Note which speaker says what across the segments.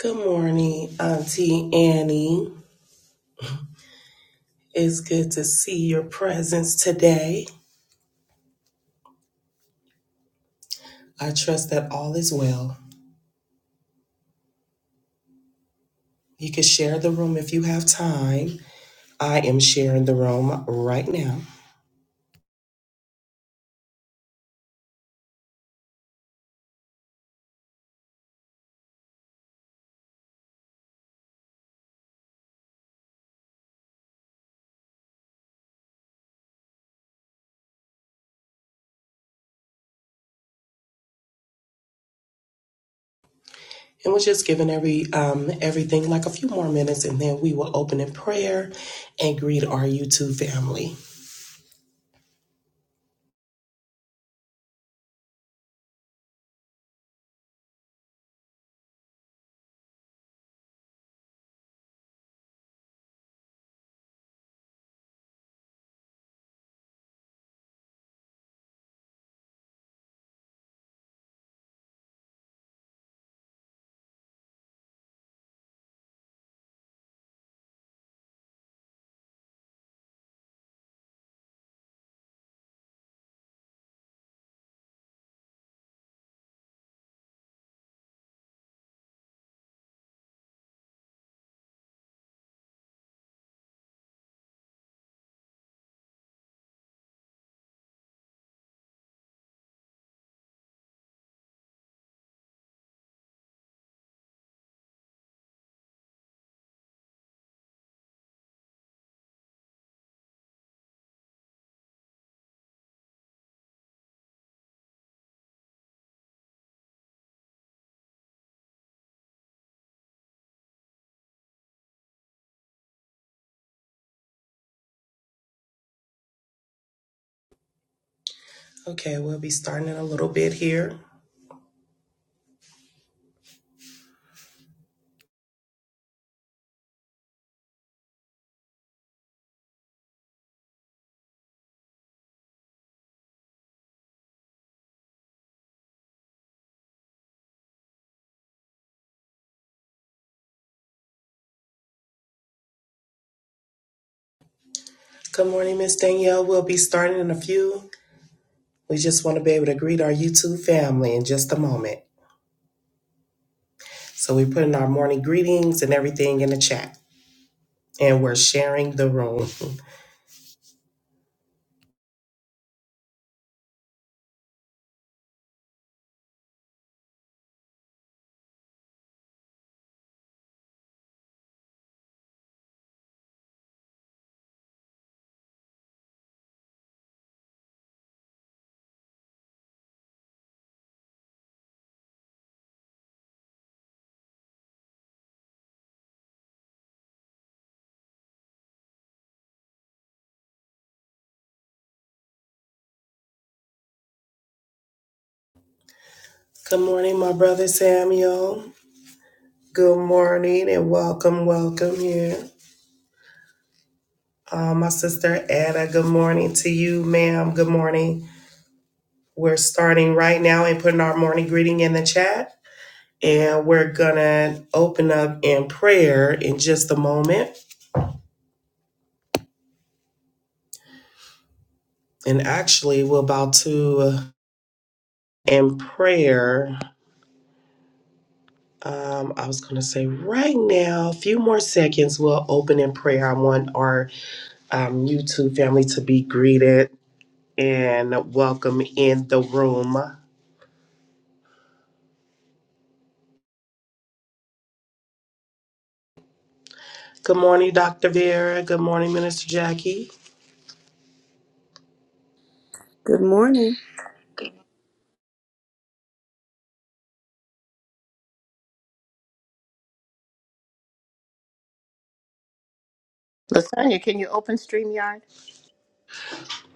Speaker 1: Good morning, Auntie Annie. It's good to see your presence today. I trust that all is well. You can share the room if you have time. I am sharing the room right now. And we're just giving every um, everything like a few more minutes, and then we will open in prayer and greet our YouTube family. Okay, we'll be starting in a little bit here. Good morning, Miss Danielle. We'll be starting in a few. We just want to be able to greet our YouTube family in just a moment. So we're putting our morning greetings and everything in the chat, and we're sharing the room. Good morning, my brother Samuel. Good morning and welcome, welcome here. Uh, my sister Anna, good morning to you, ma'am. Good morning. We're starting right now and putting our morning greeting in the chat. And we're going to open up in prayer in just a moment. And actually, we're about to uh, in prayer. Um, I was going to say right now, a few more seconds, we'll open in prayer. I want our um, YouTube family to be greeted and welcome in the room. Good morning, Dr. Vera. Good morning, Minister Jackie.
Speaker 2: Good morning.
Speaker 3: Lasagna, can you open StreamYard?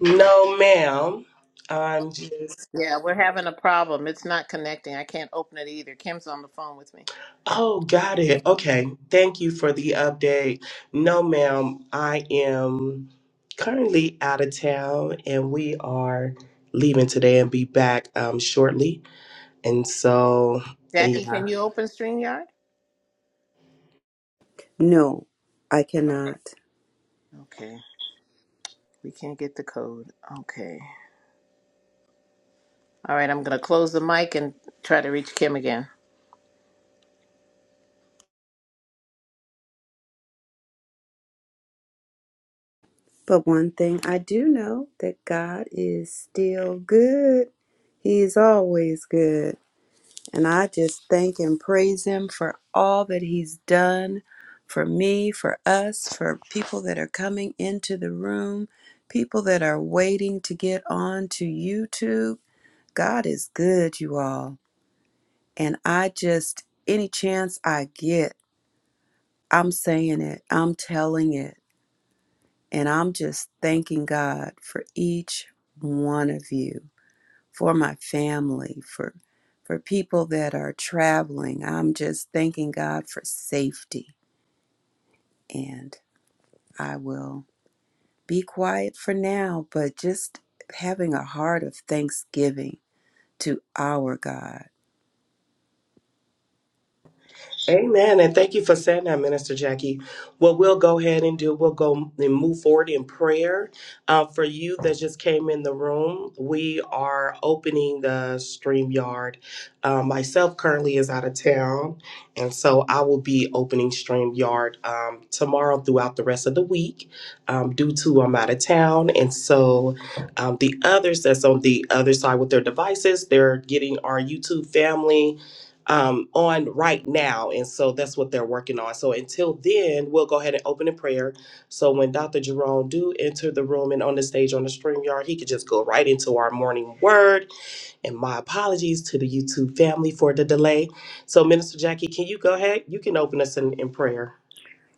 Speaker 1: No, ma'am. I'm just,
Speaker 3: Yeah, we're having a problem. It's not connecting. I can't open it either. Kim's on the phone with me.
Speaker 1: oh, got it. Okay. Thank you for the update. No, ma'am. I am currently out of town and we are leaving today and be back um, shortly. And so,
Speaker 3: Jackie, can
Speaker 1: yeah.
Speaker 3: you open StreamYard?
Speaker 2: No, I cannot.
Speaker 3: Okay. We can't get the code. Okay. All right, I'm going to close the mic and try to reach Kim again.
Speaker 2: But one thing I do know that God is still good. He is always good. And I just thank and praise Him for all that He's done for me, for us, for people that are coming into the room, people that are waiting to get on to YouTube. God is good, you all. And I just, any chance I get, I'm saying it, I'm telling it. And I'm just thanking God for each one of you, for my family, for for people that are traveling. I'm just thanking God for safety. And I will be quiet for now, but just having a heart of thanksgiving to our God.
Speaker 1: Amen. And thank you for saying that, Minister Jackie. What we'll go ahead and do, we'll go and move forward in prayer. Uh, for you that just came in the room, we are opening the stream yard. Uh, myself currently is out of town, and so I will be opening stream yard um, tomorrow throughout the rest of the week um, due to I'm out of town. And so um, the others that's on the other side with their devices, they're getting our YouTube family um, on right now. And so that's what they're working on. So until then, we'll go ahead and open in prayer. So when Dr. Jerome do enter the room and on the stage on the stream yard, he could just go right into our morning word. And my apologies to the YouTube family for the delay. So Minister Jackie, can you go ahead? You can open us in, in prayer.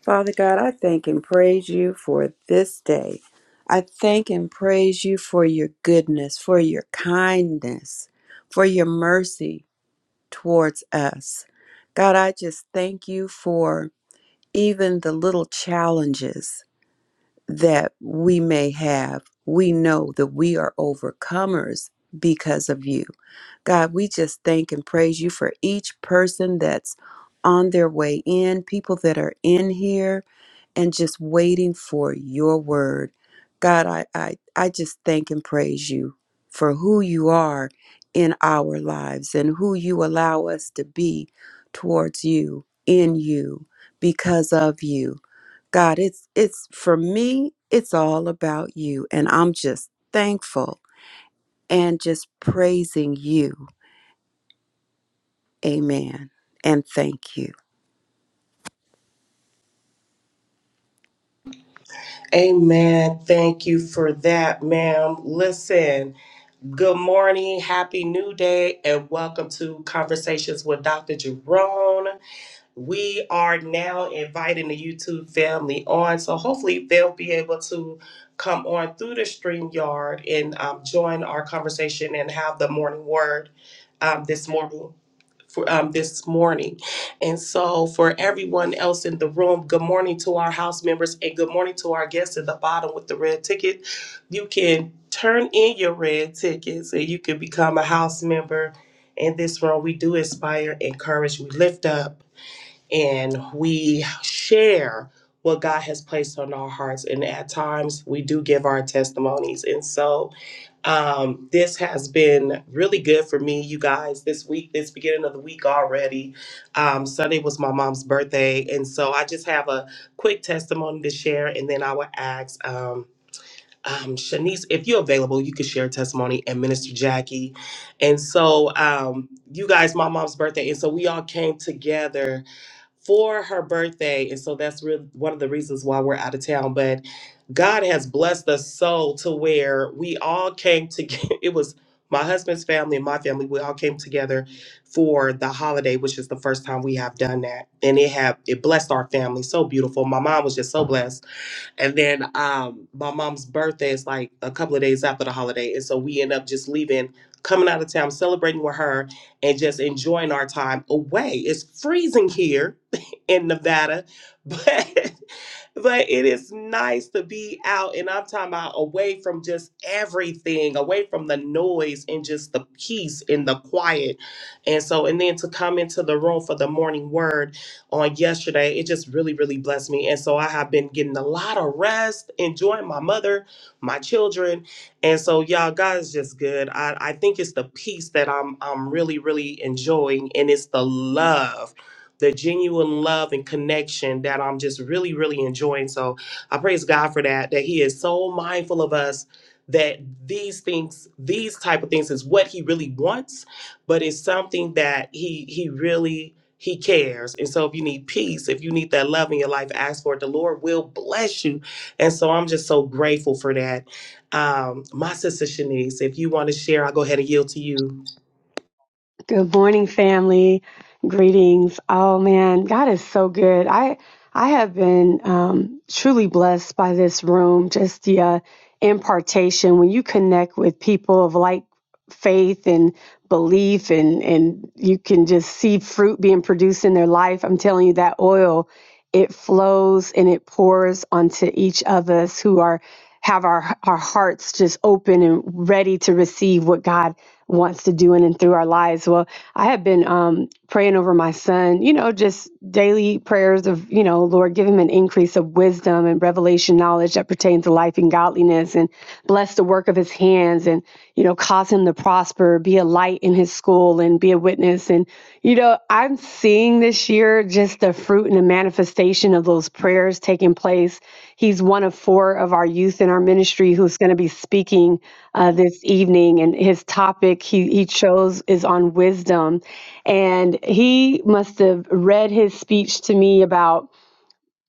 Speaker 2: Father God, I thank and praise you for this day. I thank and praise you for your goodness, for your kindness, for your mercy, towards us. God, I just thank you for even the little challenges that we may have. We know that we are overcomers because of you. God, we just thank and praise you for each person that's on their way in, people that are in here and just waiting for your word. God, I, I, I just thank and praise you for who you are in our lives and who you allow us to be towards you, in you, because of you. God, it's it's for me, it's all about you. And I'm just thankful and just praising you. Amen. And thank you.
Speaker 1: Amen. Thank you for that, ma'am. Listen, good morning, happy new day, and welcome to Conversations with Dr. Jerome. we are now inviting the YouTube family on. So hopefully they'll be able to come on through the StreamYard and um, join our conversation and have the morning word um, this morning. For, um, this morning. And so, for everyone else in the room, good morning to our house members and good morning to our guests at the bottom with the red ticket. You can turn in your red tickets and you can become a house member. In this room, we do inspire, encourage, we lift up and we share what God has placed on our hearts. And at times we do give our testimonies. And so um, this has been really good for me, you guys, this week, this beginning of the week already. Um, Sunday was my mom's birthday. And so I just have a quick testimony to share. And then I will ask um, um, Shanice, if you're available, you could share a testimony and Minister Jackie. And so, um, you guys, my mom's birthday. And so we all came together for her birthday. And so that's really one of the reasons why we're out of town. But God has blessed us so to where we all came together. It was my husband's family and my family. We all came together for the holiday, which is the first time we have done that. And it have it blessed our family so beautiful. My mom was just so blessed and then um, my mom's birthday is like a couple of days after the holiday. And so we end up just leaving, coming out of town, celebrating with her, and just enjoying our time away. It's freezing here in Nevada, but but it is nice to be out and I'm talking about away from just everything, away from the noise and just the peace and the quiet. And so, and then to come into the room for the morning word on yesterday, it just really, really blessed me. And so I have been getting a lot of rest, enjoying my mother, my children. And so y'all, God is just good. I, I think it's the peace that I'm I'm really, really enjoying and it's the love the genuine love and connection that I'm just really, really enjoying. So I praise God for that, that He is so mindful of us that these things, these type of things is what He really wants, but it's something that He He really he cares. And so if you need peace, if you need that love in your life, ask for it. The Lord will bless you. And so I'm just so grateful for that. Um, my sister Shanice, if you want to share, I'll go ahead and yield to you.
Speaker 4: Good morning, family. Greetings. Oh man, God is so good. I I have been um, truly blessed by this room. Just the uh, impartation when you connect with people of like faith and belief, and and you can just see fruit being produced in their life. I'm telling you that oil, it flows and it pours onto each of us who are have our our hearts just open and ready to receive what God wants to do in and through our lives. Well, I have been um, praying over my son, you know, just daily prayers of, you know, Lord, give him an increase of wisdom and revelation knowledge that pertains to life and godliness and bless the work of his hands and, you know, cause him to prosper, be a light in his school and be a witness. And, you know, know, I'm seeing this year just the fruit and the manifestation of those prayers taking place. He's one of four of our youth in our ministry who's going to be speaking uh, this evening, and his topic he, he chose is on wisdom. And he must have read his speech to me about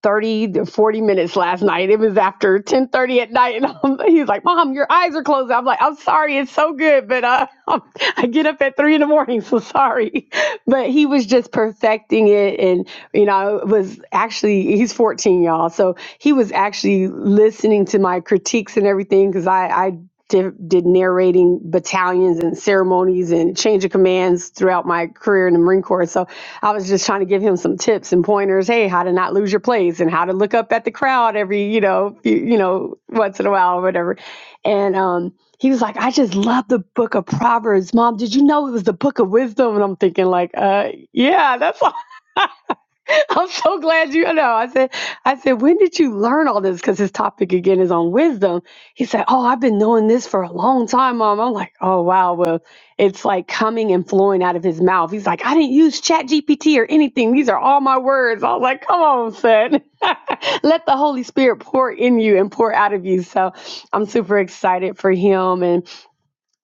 Speaker 4: 30 to 40 minutes last night. It was after 10:30 at night, and um, he's like, "Mom, your eyes are closed." I'm like, "I'm sorry, it's so good, but uh, I get up at three in the morning, so sorry." But he was just perfecting it, and you know, it was actually he's 14, y'all, so he was actually listening to my critiques and everything because I I di- did narrating battalions and ceremonies and change of commands throughout my career in the Marine Corps. So I was just trying to give him some tips and pointers. Hey, how to not lose your place and how to look up at the crowd every, you know, few, you know, once in a while or whatever. And um, he was like, I just love the book of Proverbs. Mom, did you know it was the book of wisdom? And I'm thinking like, uh, yeah, that's I'm so glad you I know. I said, I said, when did you learn all this? Because his topic again is on wisdom. He said, Oh, I've been knowing this for a long time, Mom. I'm like, Oh wow, well, it's like coming and flowing out of his mouth. He's like, I didn't use Chat GPT or anything. These are all my words. I was like, Come on, son. Let the Holy Spirit pour in you and pour out of you. So I'm super excited for him. and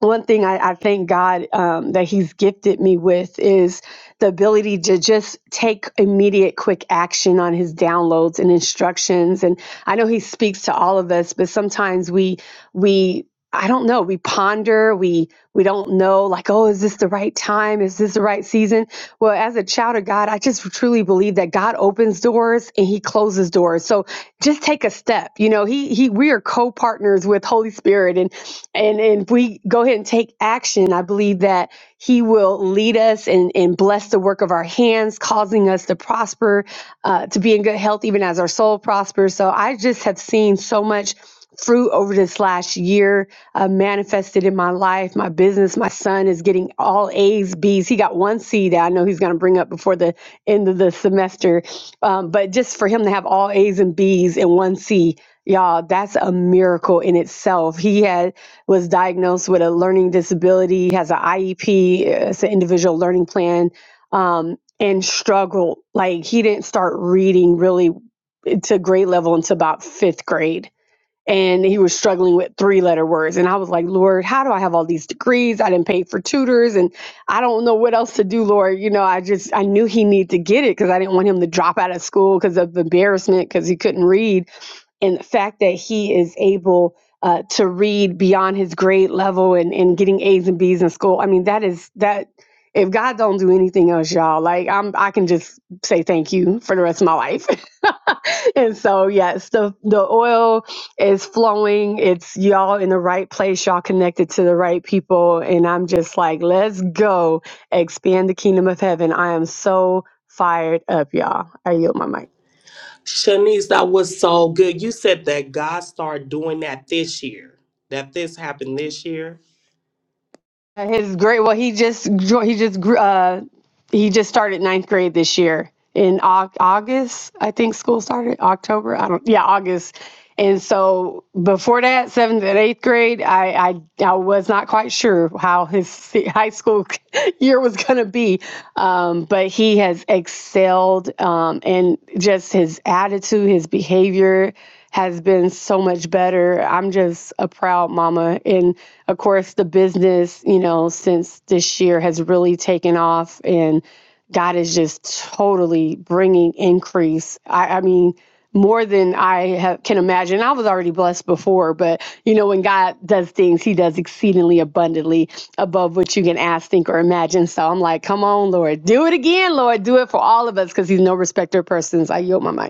Speaker 4: one thing I, I thank God um, that He's gifted me with is the ability to just take immediate, quick action on His downloads and instructions. And I know He speaks to all of us, but sometimes we we I don't know we ponder we we don't know like oh is this the right time is this the right season well as a child of God I just truly believe that God opens doors and he closes doors so just take a step you know he he we are co-partners with Holy Spirit and and and if we go ahead and take action, I believe that He will lead us and, and bless the work of our hands, causing us to prosper, uh, to be in good health, even as our soul prospers. So I just have seen so much fruit over this last year uh, manifested in my life, my business. My son is getting all A's, B's. He got one C that I know he's going to bring up before the end of the semester. Um, but just for him to have all A's and B's and one C, y'all, that's a miracle in itself. He had was diagnosed with a learning disability, has an IEP, uh, it's an individual learning plan, um, and struggled. Like he didn't start reading really to grade level until about fifth grade. And he was struggling with three letter words. And I was like, Lord, how do I have all these degrees? I didn't pay for tutors and I don't know what else to do, Lord. You know, I just, I knew he needed to get it because I didn't want him to drop out of school because of embarrassment because he couldn't read and the fact that he is able uh, to read beyond his grade level and, and getting A's and B's in school. I mean, that is that if God don't do anything else, y'all, like I'm I can just say thank you for the rest of my life. and so yes, the the oil is flowing. It's y'all in the right place, y'all connected to the right people. And I'm just like, let's go expand the kingdom of heaven. I am so fired up, y'all. I yield my mic.
Speaker 1: Shanice, that was so good. You said that God started doing that this year, that this happened this year.
Speaker 4: His grade, well, he just jo- he just gr- uh he just started ninth grade this year in Au- August. I think school started October. I don't. Yeah, August. And so before that, seventh and eighth grade, I I, I was not quite sure how his se- high school year was going to be, um, but he has excelled um, and just his attitude, his behavior has been so much better. I'm just a proud mama. And of course, the business, you know, since this year has really taken off and God is just totally bringing increase. I, I mean, more than I have, can imagine. I was already blessed before, but you know, when God does things, He does exceedingly abundantly above what you can ask, think, or imagine. So I'm like, come on, Lord, do it again, Lord, do it for all of us because He's no respecter of persons. I yield my mic.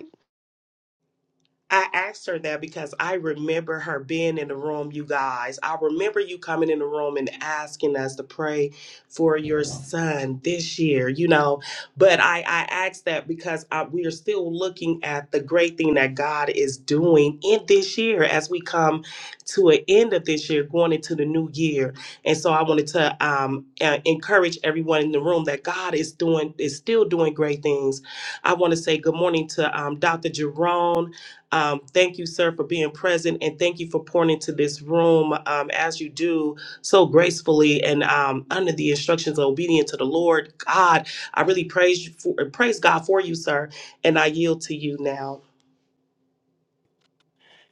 Speaker 1: I asked her that because I remember her being in the room, you guys. I remember you coming in the room and asking us to pray for your son this year, you know. But I, I asked that because I, we are still looking at the great thing that God is doing in this year as we come to an end of this year, going into the new year. And so I wanted to um, uh, encourage everyone in the room that God is doing, is still doing great things. I want to say good morning to um, Dr. Jerome. Um, thank you, sir, for being present and thank you for pouring into this room um, as you do so gracefully and um, under the instructions of obedient to the Lord. God, I really praise you for, praise God for you, sir, and I yield to you now.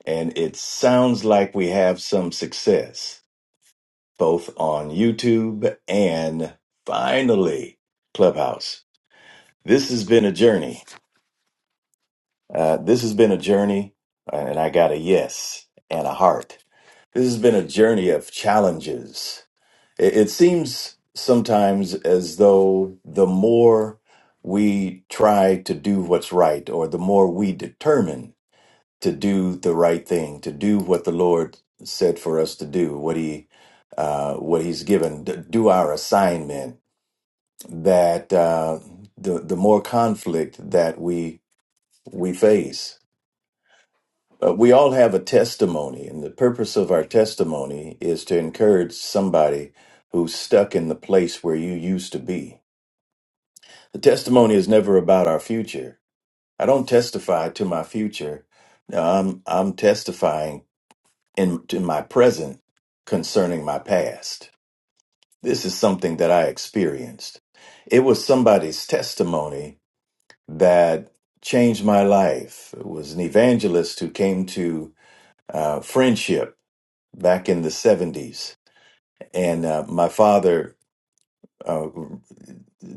Speaker 5: And it sounds like we have some success, both on YouTube and finally Clubhouse. This has been a journey. Uh, this has been a journey, and I got a yes and a heart. This has been a journey of challenges. It, it seems sometimes as though the more we try to do what's right, or the more we determine to do the right thing, to do what the Lord said for us to do, what He uh, what He's given, d- do our assignment. That uh, the the more conflict that we we face, uh, we all have a testimony, and the purpose of our testimony is to encourage somebody who's stuck in the place where you used to be. The testimony is never about our future. I don't testify to my future. No, I'm I'm testifying In to my present concerning my past. This is something that I experienced. It was somebody's testimony that changed my life. It was an evangelist who came to uh, friendship back in the 70s. And uh, my father, uh,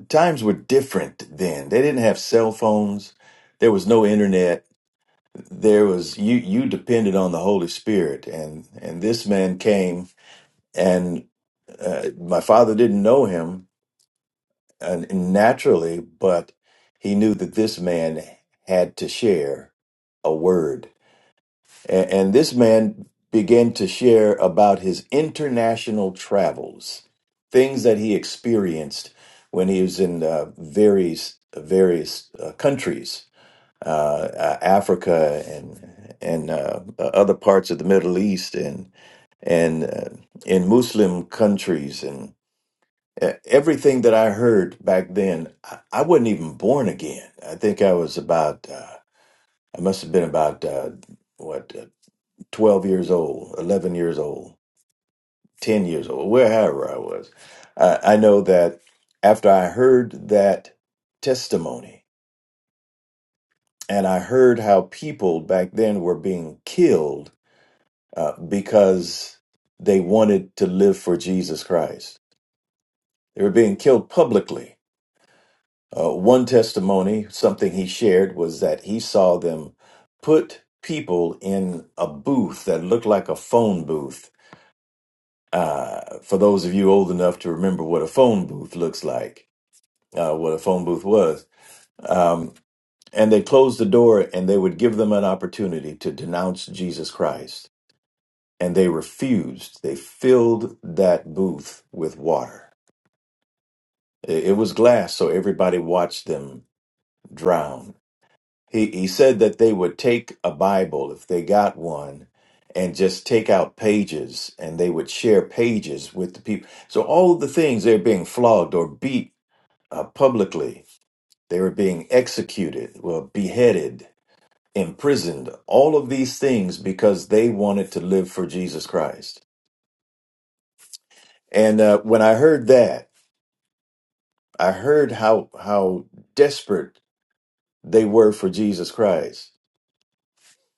Speaker 5: times were different then. They didn't have cell phones, there was no internet. There was you you depended on the Holy Spirit and and this man came and. uh, my father didn't know him uh, naturally, but he knew that this man had to share a word. And, and this man began to share about his international travels, things that he experienced when he was in uh, various various uh, countries, uh, uh, Africa and and uh, other parts of the Middle East and and uh, in Muslim countries E- Everything that I heard back then, I, I wasn't even born again. I think I was about, uh, I must have been about, uh, what, uh, 12 years old, 11 years old, 10 years old, wherever I was. I, I know that after I heard that testimony and I heard how people back then were being killed uh, because they wanted to live for Jesus Christ, they were being killed publicly Uh, one testimony, something he shared, was that he saw them put people in a booth that looked like a phone booth. Uh, for those of you old enough to remember what a phone booth looks like, uh, what a phone booth was. Um, and they closed the door and they would give them an opportunity to denounce Jesus Christ. And they refused. They filled that booth with water. It it was glass, so everybody watched them drown He he said that they would take a Bible if they got one and just take out pages and they would share pages with the people. So all of the things they're being flogged or beat uh, publicly, they were being executed, well beheaded, imprisoned, all of these things because they wanted to live for Jesus Christ. And uh, when I heard that, I heard how how desperate they were for Jesus Christ.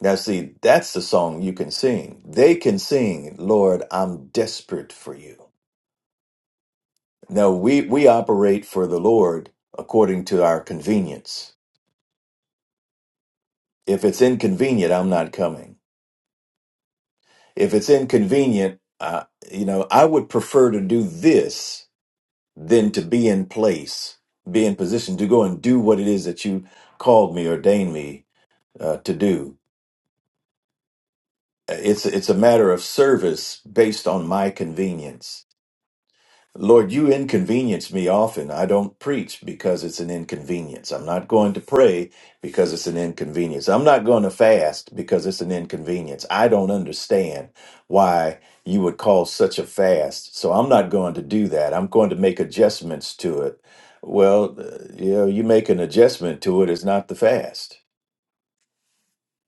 Speaker 5: Now, see, that's the song you can sing. They can sing, Lord, I'm desperate for you. No, we, we operate for the Lord according to our convenience. If it's inconvenient, I'm not coming. If it's inconvenient, uh, you know, I would prefer to do this than to be in place, be in position to go and do what it is that you called me, ordained me uh, to do. It's, it's a matter of service based on my convenience Lord, you inconvenience me often. I don't preach because it's an inconvenience. I'm not going to pray because it's an inconvenience. I'm not going to fast because it's an inconvenience. I don't understand why you would call such a fast. So I'm not going to do that. I'm going to make adjustments to it. Well, uh, you know, you make an adjustment to it is not the fast.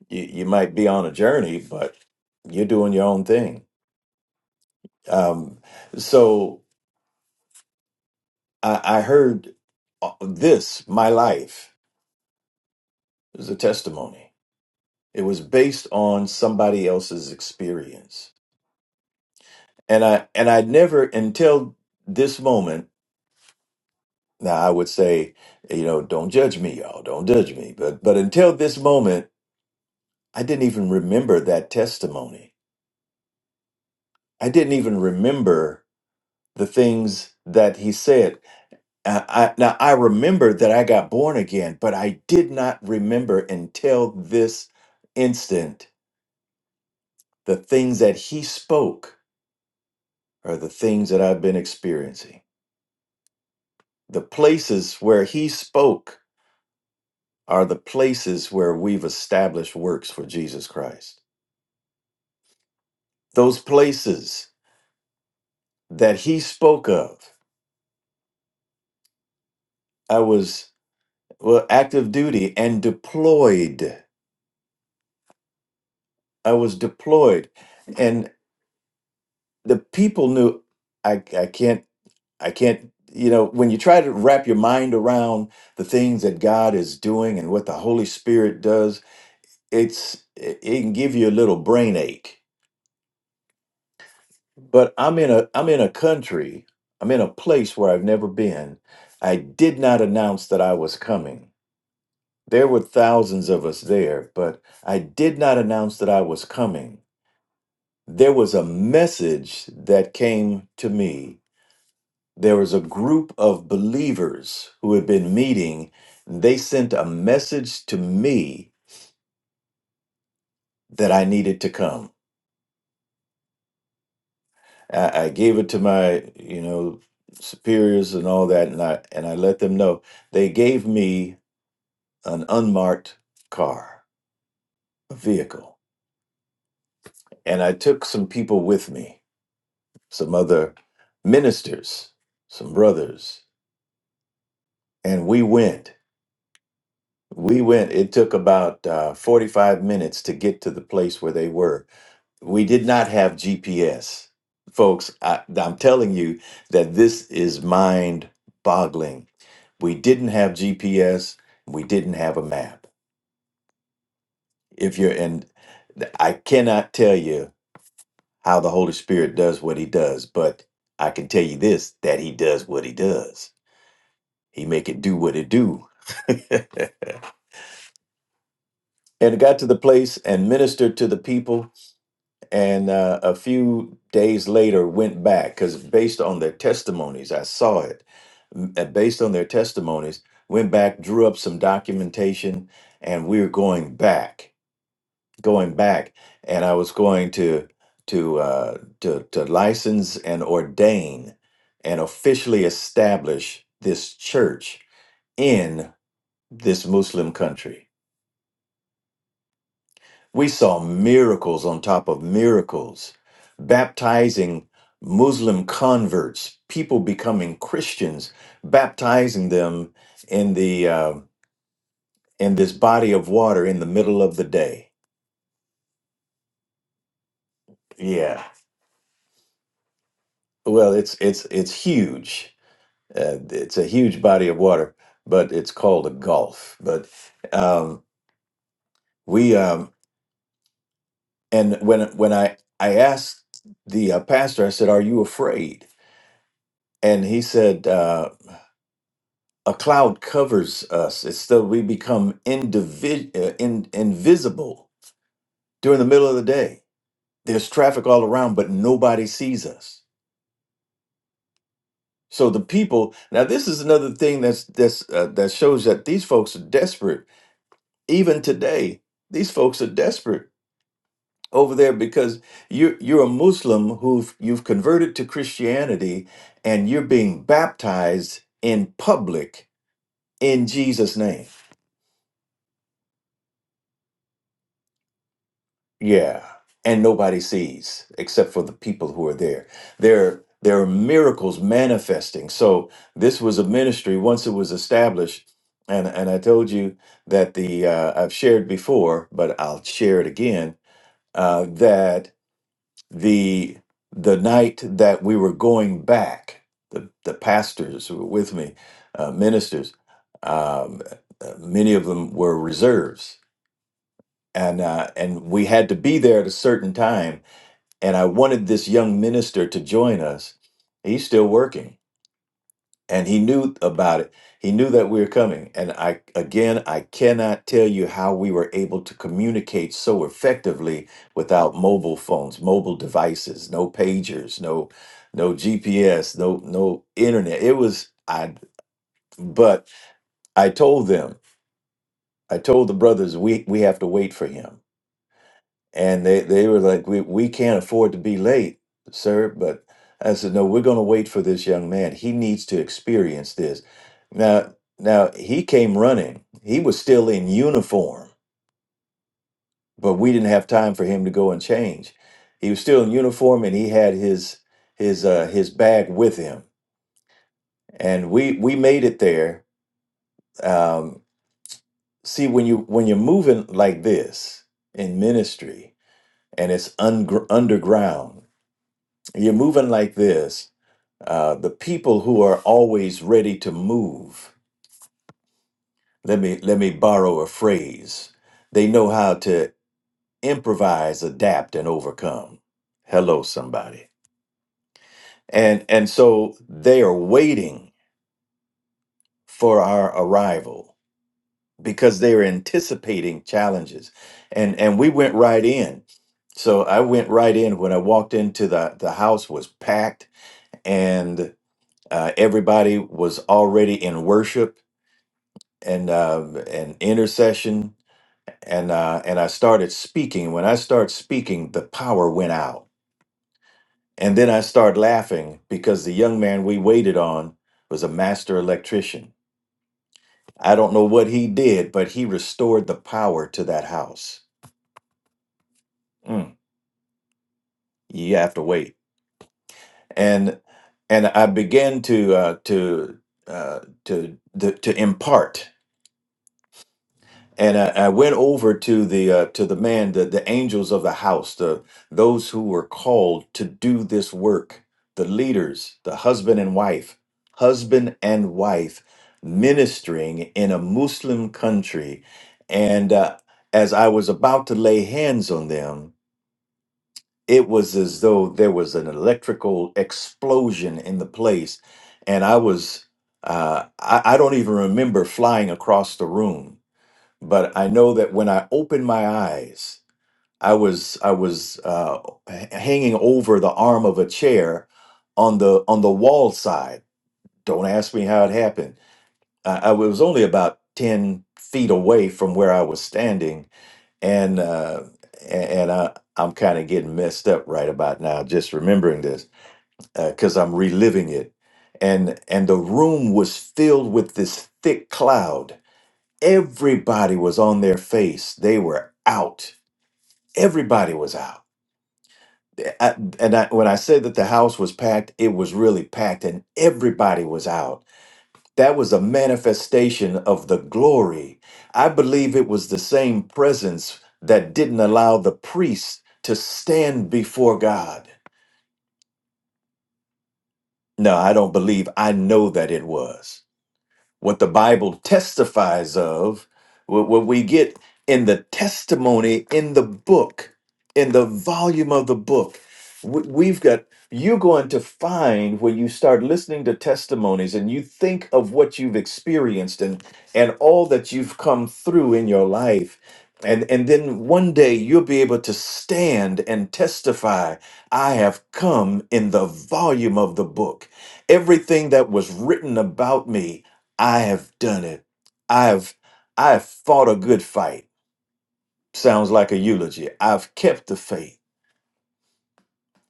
Speaker 5: You, you might be on a journey, but you're doing your own thing. Um, so I, I heard uh, this, my life is a testimony. It was based on somebody else's experience. And I and I never until this moment, now I would say, you know, don't judge me, y'all, don't judge me. But but until this moment, I didn't even remember that testimony. I didn't even remember the things that he said. I, I, now I remember that I got born again, but I did not remember until this instant the things that he spoke are the things that I've been experiencing. The places where he spoke are the places where we've established works for Jesus Christ. Those places that he spoke of, I was well, active duty and deployed. I was deployed. And the people knew I, I can't, I can't, you know, when you try to wrap your mind around the things that God is doing and what the Holy Spirit does it's it it can give you a little brain ache but i'm in a i'm in a country i'm in a place where i've never been i did not announce that i was coming there were thousands of us there but i did not announce that i was coming there was a message that came to me there was a group of believers who had been meeting and they sent a message to me that i needed to come I, I gave it to my, you know, superiors and all that, and I and I let them know they gave me an unmarked car, a vehicle, and I took some people with me, some other ministers, some brothers, and we went. We went. It took about uh, forty-five minutes to get to the place where they were we did not have GPS. Folks, I, I'm telling you that this is mind boggling. We didn't have GPS. We didn't have a map. If you're in, I cannot tell you how the Holy Spirit does what he does, but I can tell you this that he does what he does. He make it do what it do. and it got to the place and ministered to the people and uh, a few days later went back because based on their testimonies i saw it m- uh, based on their testimonies went back drew up some documentation and we were going back going back and i was going to to uh, to, to license and ordain and officially establish this church in this muslim country We saw miracles on top of miracles, baptizing Muslim converts, people becoming Christians, baptizing them in the uh, in this body of water in the middle of the day. Yeah, well, it's it's it's huge. Uh, it's a huge body of water, but it's called a gulf. But um, we um, and when when I I asked the uh, pastor, I said, "Are you afraid?" And he said. Uh, a cloud covers us. It's so we become indivi- uh, in, invisible during the middle of the day. There's traffic all around, but nobody sees us. So the people now, this is another thing that's that's uh, that shows that these folks are desperate. Even today, these folks are desperate over there because you're you're a Muslim who you've converted to Christianity and you're being baptized in public in Jesus' name Yeah. And nobody sees except for the people who are there. There there are miracles manifesting. So this was a ministry once it was established and and I told you that the uh, I've shared before, but I'll share it again uh, that the the night that we were going back, the the pastors who were with me, uh, ministers, um, uh, many of them were reserves, and uh, and we had to be there at a certain time and I wanted this young minister to join us. He's still working and he knew about it. He knew that we were coming. And I, again, I cannot tell you how we were able to communicate so effectively without mobile phones, mobile devices, no pagers, no, no GPS, no, no internet. It was, I, but I told them, I told the brothers, we, we have to wait for him and they they were like we we can't afford to be late sir but i said no we're going to wait for this young man he needs to experience this now now he came running he was still in uniform but we didn't have time for him to go and change he was still in uniform and he had his his uh his bag with him and we we made it there um see when you when you're moving like this in ministry and it's un- underground You're moving like this. Uh, the people who are always ready to move. Let me let me borrow a phrase. They know how to improvise, adapt, and overcome. Hello, somebody. And and so they are waiting for our arrival because they are anticipating challenges. And and we went right in. So I went right in when I walked into the the house was packed and uh, everybody was already in worship and uh, and intercession and uh, and I started speaking. When I started speaking, the power went out, and then I started laughing because the young man we waited on was a master electrician. I don't know what he did, but he restored the power to that house. Mm, you have to wait, and and I began to uh, to uh, to to to impart. and I, I went over to the uh, to the man, the, the angels of the house, the those who were called to do this work, the leaders, the husband and wife, husband and wife ministering in a Muslim country, and uh, as I was about to lay hands on them, it was as though there was an electrical explosion in the place, and I was. Uh, I, I don't even remember flying across the room but I know that when I opened my eyes, I was I was uh, h- hanging over the arm of a chair on the on the wall side. Don't ask me how it happened. I, I was only about ten feet away from where I was standing, and uh, a- and I, I'm kind of getting messed up right about now just remembering this because I'm reliving it. And and the room was filled with this thick cloud Everybody was on their face. They were out. Everybody was out. Eh, I- and I, when I said that the house was packed, it was really packed, and everybody was out. That was a manifestation of the glory. I believe it was the same presence that didn't allow the priest to stand before God. No, I don't believe. I know that it was. what the Bible testifies of, what, what we get in the testimony in the book, in the volume of the book. We- We've got, you're going to find when you start listening to testimonies and you think of what you've experienced and, and all that you've come through in your life. And, and then one day you'll be able to stand and testify, I have come in the volume of the book. Everything that was written about me I have done it. I have I have fought a good fight. Sounds like a eulogy. I've kept the faith.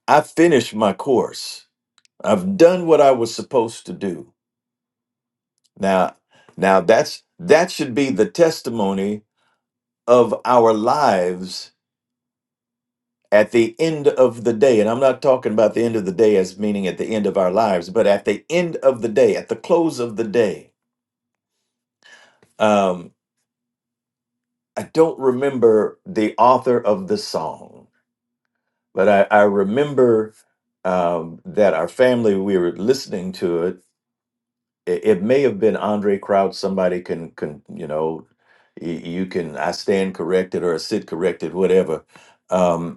Speaker 5: I finished my course. I've done what I was supposed to do. Now now that's that should be the testimony of our lives at the end of the day. And I'm not talking about the end of the day as meaning at the end of our lives, but at the end of the day, at the close of the day. Um, I don't remember the author of the song But I, I remember um, that our family, we were listening to it. It, it may have been Andre Crouch. Somebody can, can you know, y- you can, I stand corrected or sit corrected, whatever. Um,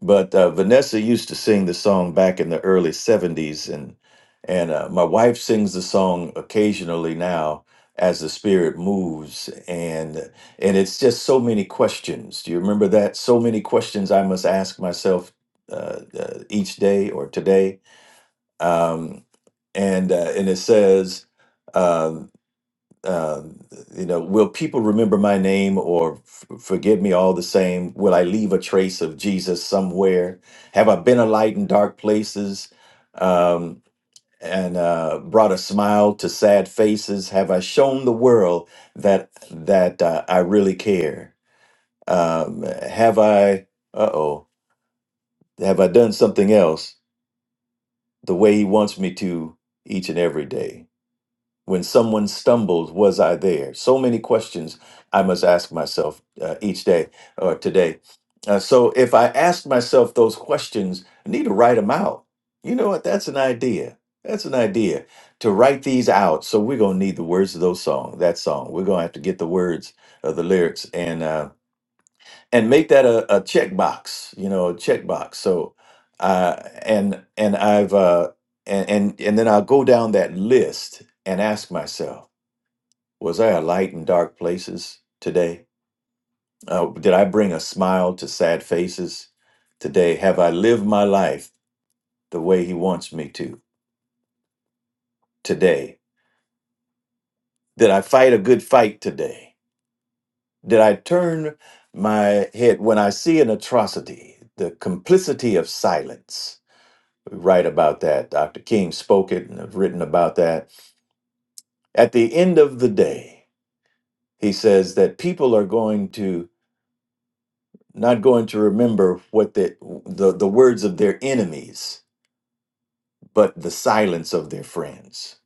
Speaker 5: but uh, Vanessa used to sing the song back in the early '70s, and and uh, my wife sings the song occasionally now as the spirit moves, and and it's just so many questions. Do you remember that? So many questions I must ask myself uh, uh, each day or today. Um, and uh, and it says. um, uh, you know, will people remember my name or f- forgive me all the same? Will I leave a trace of Jesus somewhere? Have I been a light in dark places um, and uh, brought a smile to sad faces? Have I shown the world that that uh, I really care? Um, have I? Uh oh. Have I done something else the way He wants me to each and every day? When someone stumbled, was I there? So many questions I must ask myself uh, each day or today. Uh, so if I ask myself those questions, I need to write them out. You know what? That's an idea. That's an idea to write these out. So we're gonna need the words of those song, that song. We're gonna have to get the words of the lyrics and uh, and make that a, a checkbox. You know, a checkbox. So uh, and and I've uh, and and and then I'll go down that list and ask myself. Was I a light in dark places today? Uh, did I bring a smile to sad faces today? Have I lived my life the way He wants me to today? Did I fight a good fight today? Did I turn my head when I see an atrocity? The complicity of silence. We write about that. Dr. King spoke it and have written about that. At the end of the day, he says that people are going to not going to remember what the, the the words of their enemies but the silence of their friends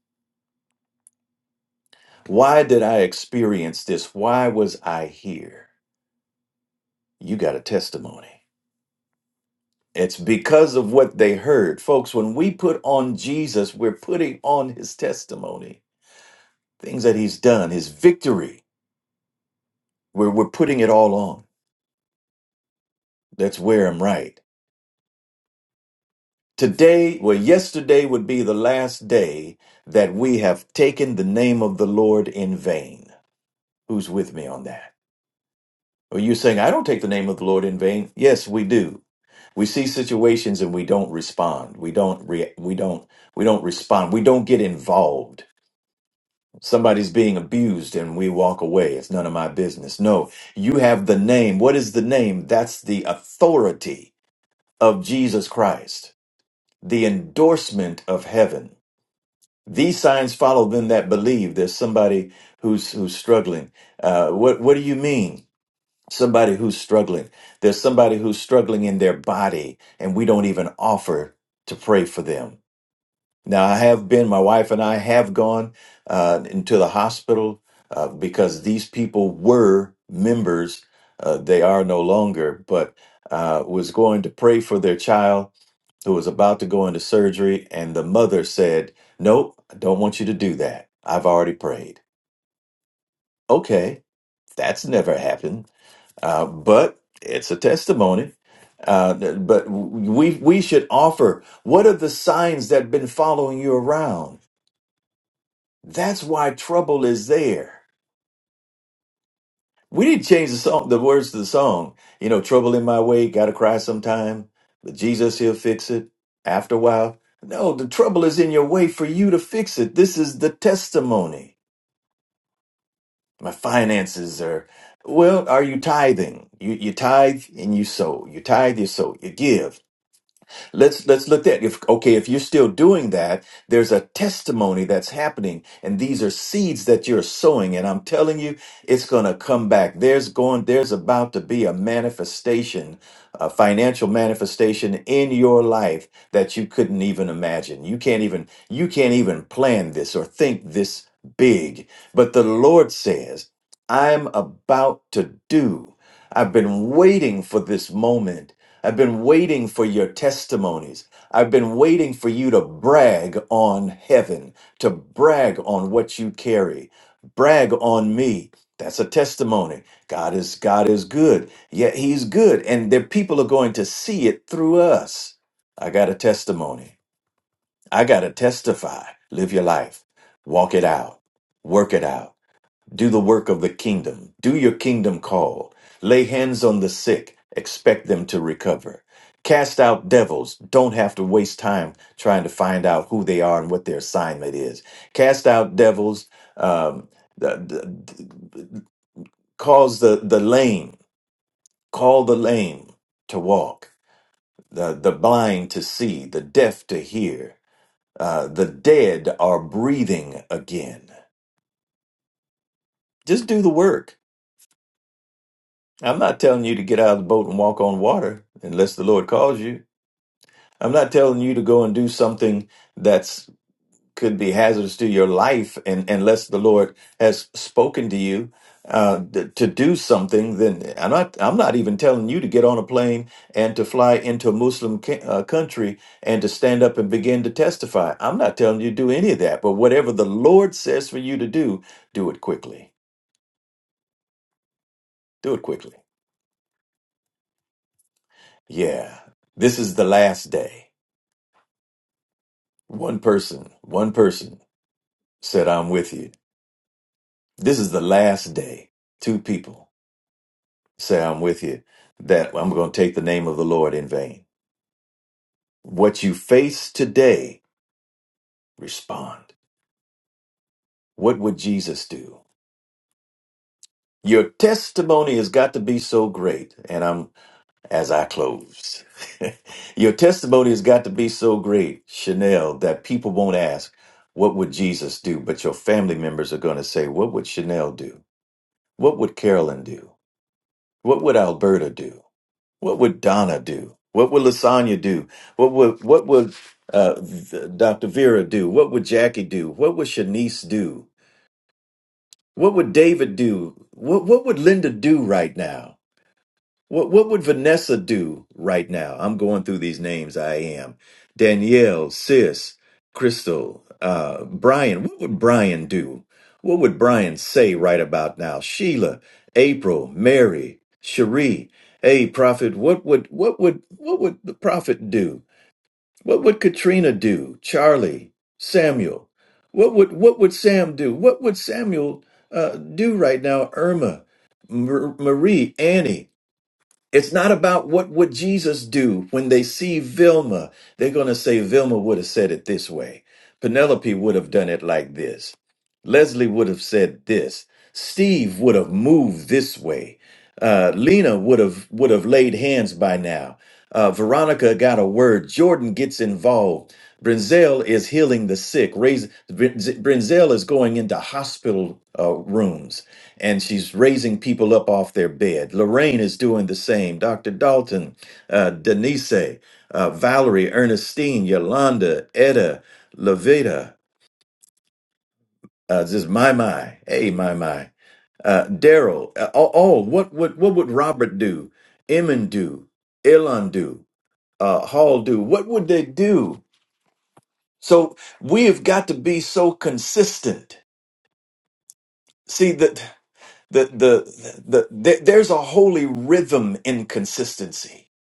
Speaker 5: why did i experience this why was i here you got a testimony it's because of what they heard folks when we put on jesus we're putting on his testimony things that he's done his victory we're, we're putting it all on let's wear him right today well yesterday would be the last day that we have taken the name of the lord in vain who's with me on that? Are you saying I don't take the name of the Lord in vain? Yes, we do. We see situations and we don't respond. We don't re- we don't we don't respond. We don't get involved. Somebody's being abused and we walk away. It's none of my business. No, you have the name. What is the name? That's the authority of Jesus Christ. The endorsement of heaven. These signs follow them that believe. There's somebody who's who's struggling. Uh, what what do you mean? somebody who's struggling. There's somebody who's struggling in their body, and we don't even offer to pray for them. Now, I have been, my wife and I have gone uh, into the hospital uh, because these people were members. Uh, they are no longer, but uh, was going to pray for their child who was about to go into surgery. And the mother said, Nope, I don't want you to do that. I've already prayed. Okay, that's never happened uh, but it's a testimony. Uh, but we we should offer. What are the signs that have been following you around? That's why trouble is there. We didn't change the song, the words to the song. You know, trouble in my way, gotta cry sometime. But Jesus, he'll fix it after a while. No, the trouble is in your way for you to fix it. This is the testimony. My finances are well. Are you tithing? You you tithe and you sow. You tithe, you sow. You give. let's let's look at if okay if you're still doing that there's a testimony that's happening and these are seeds that you're sowing and i'm telling you it's going to come back there's going there's about to be a manifestation a financial manifestation in your life that you couldn't even imagine you can't even you can't even plan this or think this big but the lord says i'm about to do i've been waiting for this moment I've been waiting for your testimonies. I've been waiting for you to brag on heaven, to brag on what you carry, brag on me. That's a testimony. God is God is good. Yet he's good and the people are going to see it through us. I got a testimony. I got to testify. Live your life. Walk it out. Work it out do the work of the kingdom. Do your kingdom call. Lay hands on the sick. Expect them to recover. Cast out devils. Don't have to waste time trying to find out who they are and what their assignment is. Cast out devils. Um, the, the, the- cause the, the lame, call the lame to walk, the, the blind to see, the deaf to hear. Uh, the dead are breathing again. Just do the work I'm not telling you to get out of the boat and walk on water unless the Lord calls you. I'm not telling you to go and do something that's could be hazardous to your life, and unless the Lord has spoken to you uh, th- to do something, then I'm not. I'm not even telling you to get on a plane and to fly into a Muslim ca- uh, country and to stand up and begin to testify. I'm not telling you to do any of that. But whatever the Lord says for you to do, do it quickly. Do it quickly. Yeah, this is the last day. One person, one person said, I'm with you. This is the last day. Two people say, I'm with you, that I'm going to take the name of the Lord in vain. What you face today, respond. What would Jesus do? Your testimony has got to be so great. And I'm, as I close, your testimony has got to be so great, Chanel, that people won't ask, What would Jesus do? But your family members are going to say, What would Chanel do? What would Carolyn do? What would Alberta do? What would Donna do? What would Lasagna do? What would what would uh, V- Dr. Vera do? What would Jackie do? What would Shanice do? What would David do? What what would Linda do right now? What what would Vanessa do right now? I'm going through these names. I am Danielle, Sis, Crystal, uh, Brian. What would Brian do? What would Brian say right about now? Sheila, April, Mary, Cherie. Hey, Prophet. What would what would what would the Prophet do? What would Katrina do? Charlie, Samuel. What would what would Sam do? What would Samuel uh, do right now? Irma, Mar- Marie, Annie. It's not about what would Jesus do when they see Vilma. They're going to say Vilma would have said it this way. Penelope would have done it like this. Leslie would have said this. Steve would have moved this way. Uh, Lena would have would have laid hands by now. Uh, Veronica got a word. Jordan gets involved. Brinzel is healing the sick. Raise, Brinzel is going into hospital uh, rooms and she's raising people up off their bed. Lorraine is doing the same. Dr. Dalton, uh, Denise, uh, Valerie, Ernestine, Yolanda, Etta, Levita, uh, this is my my, hey my my, uh, Daryl. Uh, all, all what would what would Robert do? Emin do? Elon do? Uh, Hall do? What would they do? So we have got to be so consistent. See that the the the, the there- there's a holy rhythm in consistency.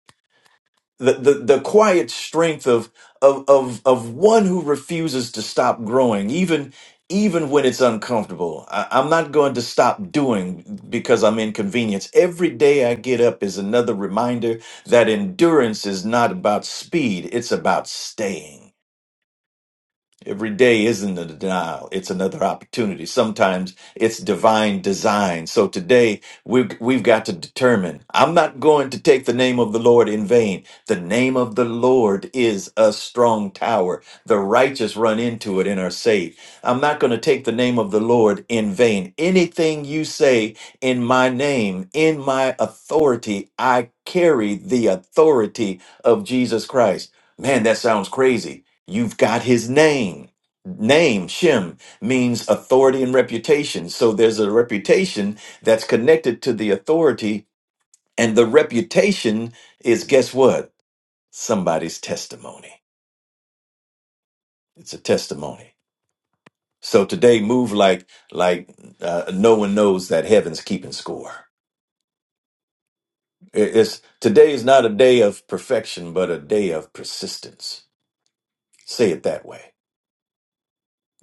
Speaker 5: The, the the quiet strength of of of of one who refuses to stop growing, even even when it's uncomfortable. I, I'm not going to stop doing because I'm inconvenienced. Every day I get up is another reminder that endurance is not about speed; it's about staying. Every day isn't a denial, it's another opportunity. Sometimes it's divine design. So today we've, we've got to determine I'm not going to take the name of the Lord in vain. The name of the Lord is a strong tower. The righteous run into it and are saved. I'm not going to take the name of the Lord in vain. Anything you say in my name, in my authority, I carry the authority of Jesus Christ. Man, that sounds crazy. You've got his name. Name, Shem, means authority and reputation. So there's a reputation that's connected to the authority, and the reputation is guess what? Somebody's testimony. It's a testimony. So today, move like like uh, no one knows that heaven's keeping score. It- It's today is not a day of perfection, but a day of persistence. Say it that way.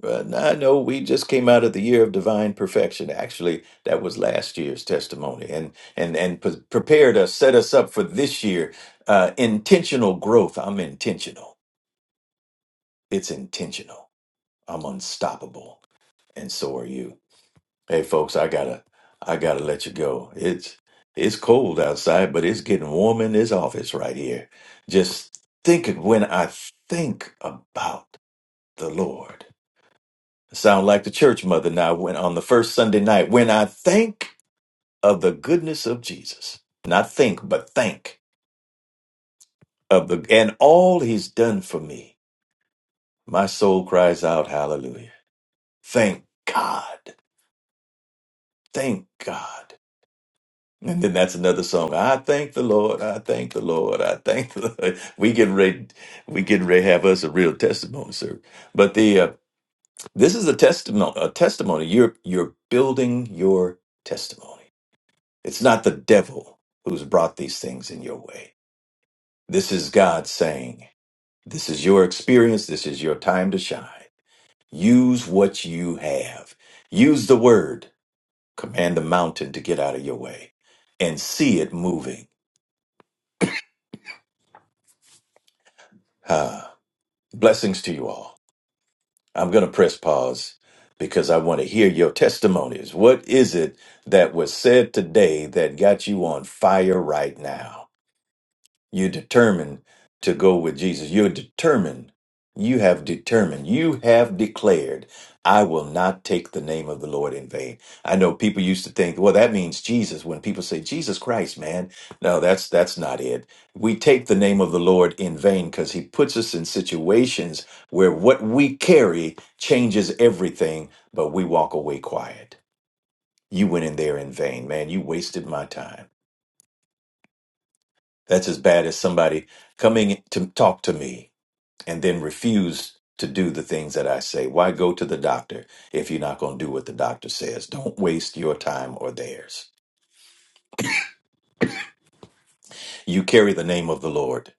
Speaker 5: Well, no, I know we just came out of the year of divine perfection. Actually, that was last year's testimony, and and and pre- prepared us, set us up for this year. Uh, intentional growth. I'm intentional. It's intentional. I'm unstoppable, and so are you. Hey, folks, I gotta I gotta let you go. It's it's cold outside, but it's getting warm in this office right here. Just think it when I think about the Lord. Sound like the church mother now when on the first Sunday night, when I think of the goodness of Jesus, not think, but think of the and all he's done for me, my soul cries out, Hallelujah. Thank God. Thank God. And then that's another song. I thank the Lord. I thank the Lord. I thank the Lord. We getting ready, we getting ready to have us a real testimony, sir. But the uh, this is a testimony a testimony. You're you're building your testimony. It's not the devil who's brought these things in your way. This is God saying, This is your experience. This is your time to shine. Use what you have. Use the word. Command the mountain to get out of your way and see it moving. Ah, blessings to you all. I'm going to press pause because I want to hear your testimonies. What is it that was said today that got you on fire right now? You're determined to go with Jesus. You're determined. You have determined. You have declared, I will not take the name of the Lord in vain. I know people used to think, well, that means Jesus. When people say Jesus Christ, man, no, that's that's not it. We take the name of the Lord in vain because he puts us in situations where what we carry changes everything, but we walk away quiet. You went in there in vain, man. You wasted my time. That's as bad as somebody coming to talk to me and then refuse to do the things that I say. Why go to the doctor if you're not going to do what the doctor says? Don't waste your time or theirs. You carry the name of the Lord.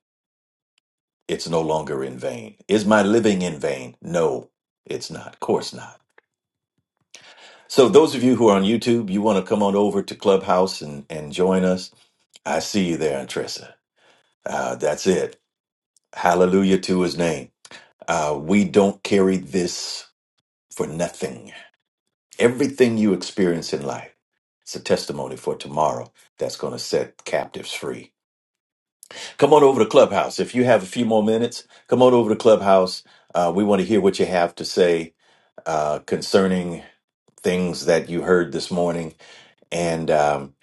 Speaker 5: It's no longer in vain. Is my living in vain? No, it's not. Of course not. So those of you who are on YouTube, you want to come on over to Clubhouse and, and join us. I see you there, Antressa. Uh, that's it. Hallelujah to his name. Uh, we don't carry this for nothing. Everything you experience in life, it's a testimony for tomorrow that's going to set captives free. Come on over to Clubhouse. If you have a few more minutes, come on over to Clubhouse. Uh, we want to hear what you have to say uh, concerning things that you heard this morning. And, um,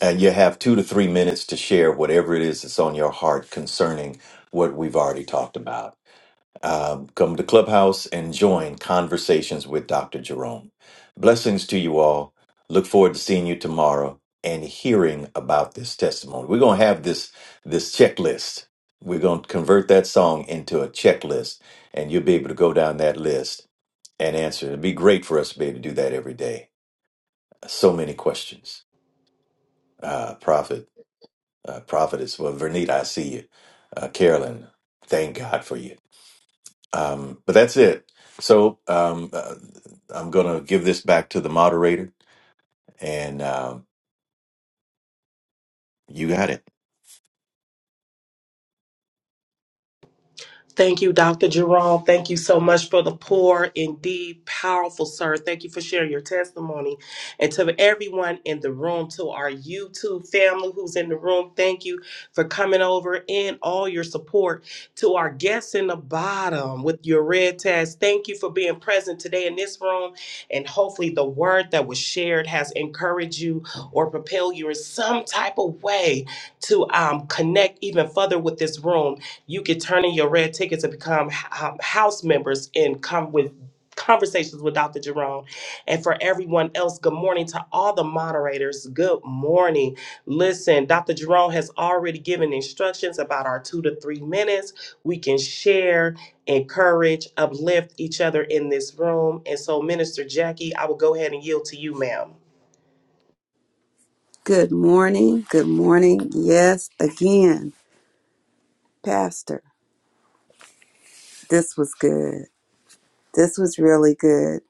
Speaker 5: and you have two to three minutes to share whatever it is that's on your heart concerning what we've already talked about. Um, come to Clubhouse and join Conversations with Dr. Jerome. Blessings to you all. Look forward to seeing you tomorrow and hearing about this testimony. We're going to have this this checklist. We're going to convert that song into a checklist, and you'll be able to go down that list and answer. It'd be great for us to be able to do that every day. So many questions. Uh, prophet, uh, prophetess, well, Vernita, I see you. Uh, Carolyn, thank God for you. Um, but that's it. So um, uh, I'm going to give this back to the moderator, and um, you got it.
Speaker 1: Thank you, Dr. Jerome. Thank you so much for the poor, indeed powerful, sir. Thank you for sharing your testimony. And to everyone in the room, to our YouTube family who's in the room, thank you for coming over and all your support. To our guests in the bottom with your red tags, thank you for being present today in this room. And hopefully, the word that was shared has encouraged you or propelled you in some type of way to um, connect even further with this room. You could turn in your red ticket to become h- um, house members and come with conversations with Dr. Jerome. And for everyone else, good morning to all the moderators. Good morning. Listen, Dr. Jerome has already given instructions about our two to three minutes. We can share, encourage, uplift each other in this room. And so, Minister Jackie, I will go ahead and yield to you, ma'am.
Speaker 2: Good morning. Good morning. Yes, again, Pastor. This was good. This was really good.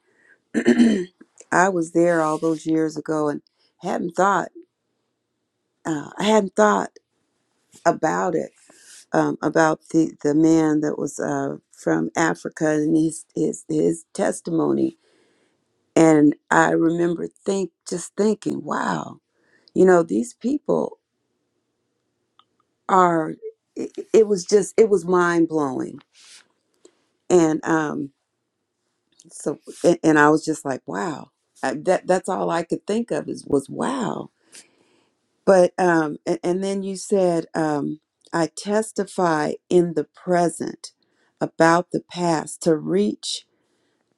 Speaker 2: I was there all those years ago and hadn't thought. Uh, I hadn't thought about it um, about the the man that was uh, from Africa and his his his testimony. And I remember think just thinking, wow, you know, these people are. It, it was just it was mind blowing. And um, so and, and I was just like, wow. Uh, That that's all I could think of is was wow But um, and, and then you said, um, I testify in the present about the past to reach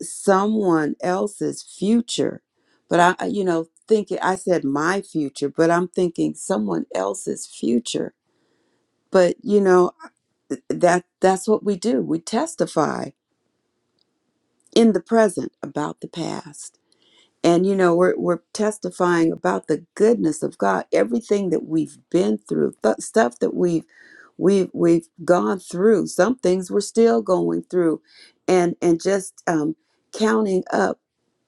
Speaker 2: someone else's future. But I, I, you know, thinking I said my future, but I'm thinking someone else's future. But you know, that that's what we do. We testify in the present about the past. And you know, we're we're testifying about the goodness of God, everything that we've been through, th- stuff that we've we've we've gone through. Some things we're still going through, and and just um, counting up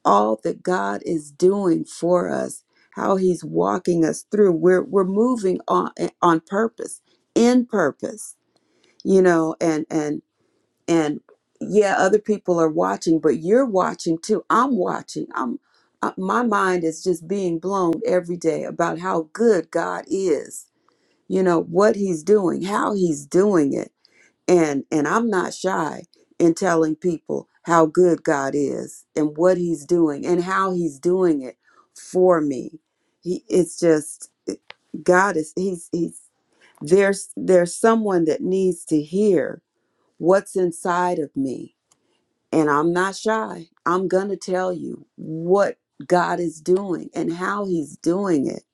Speaker 2: all that God is doing for us, how He's walking us through. We're we're moving on eh, on purpose, in purpose, you know, and and and yeah other people are watching but you're watching too i'm watching i'm uh, my mind is just being blown every day about how good god is you know what he's doing how he's doing it and and i'm not shy in telling people how good god is and what he's doing and how he's doing it for me he it's just god is he's he's there's there's someone that needs to hear what's inside of me and I'm not shy. I'm going to tell you what God is doing and how He's doing it.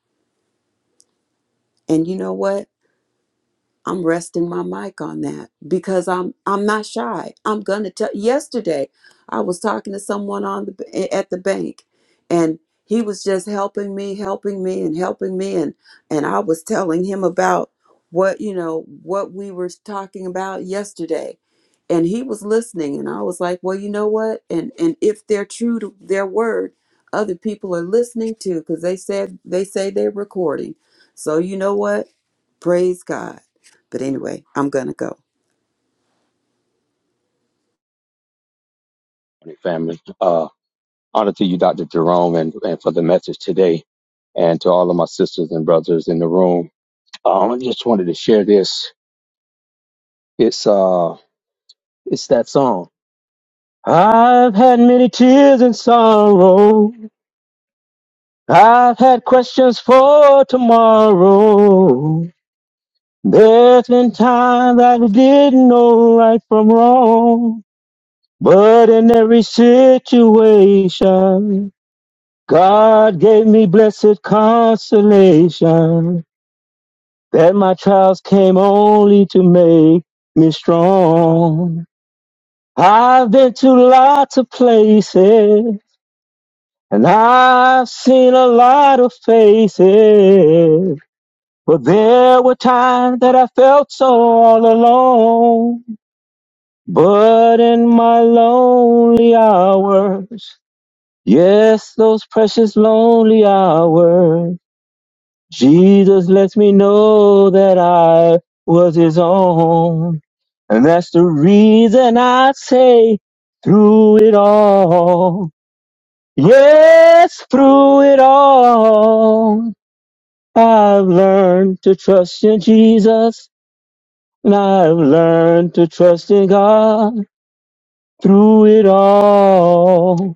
Speaker 2: And you know what? I'm resting my mic on that because I'm I'm not shy. I'm gonna tell. Yesterday, I was talking to someone on the at the bank, and he was just helping me, helping me, and helping me, and and I was telling him about what you know what we were talking about yesterday, and he was listening, and I was like, well, you know what, and and if they're true to their word, other people are listening too because they said they say they're recording, so you know what, praise God but anyway, I'm going to go.
Speaker 6: morning, family. Uh, honor to you, Dr. Jerome, and, and for the message today, and to all of my sisters and brothers in the room. Um, I just wanted to share this. It's uh, it's that song. I've had many tears and sorrow. I've had questions for tomorrow. There's been times I didn't know right from wrong, but in every situation. God gave me blessed consolation that my trials came only to make me strong. I've been to lots of places and I've seen a lot of faces. But there were times that I felt so all alone. But in my lonely hours, yes, those precious lonely hours. Jesus lets me know that I was his own. And that's the reason I say through it all. Yes, through it all. I've learned to trust in Jesus and I've learned to trust in God through it all.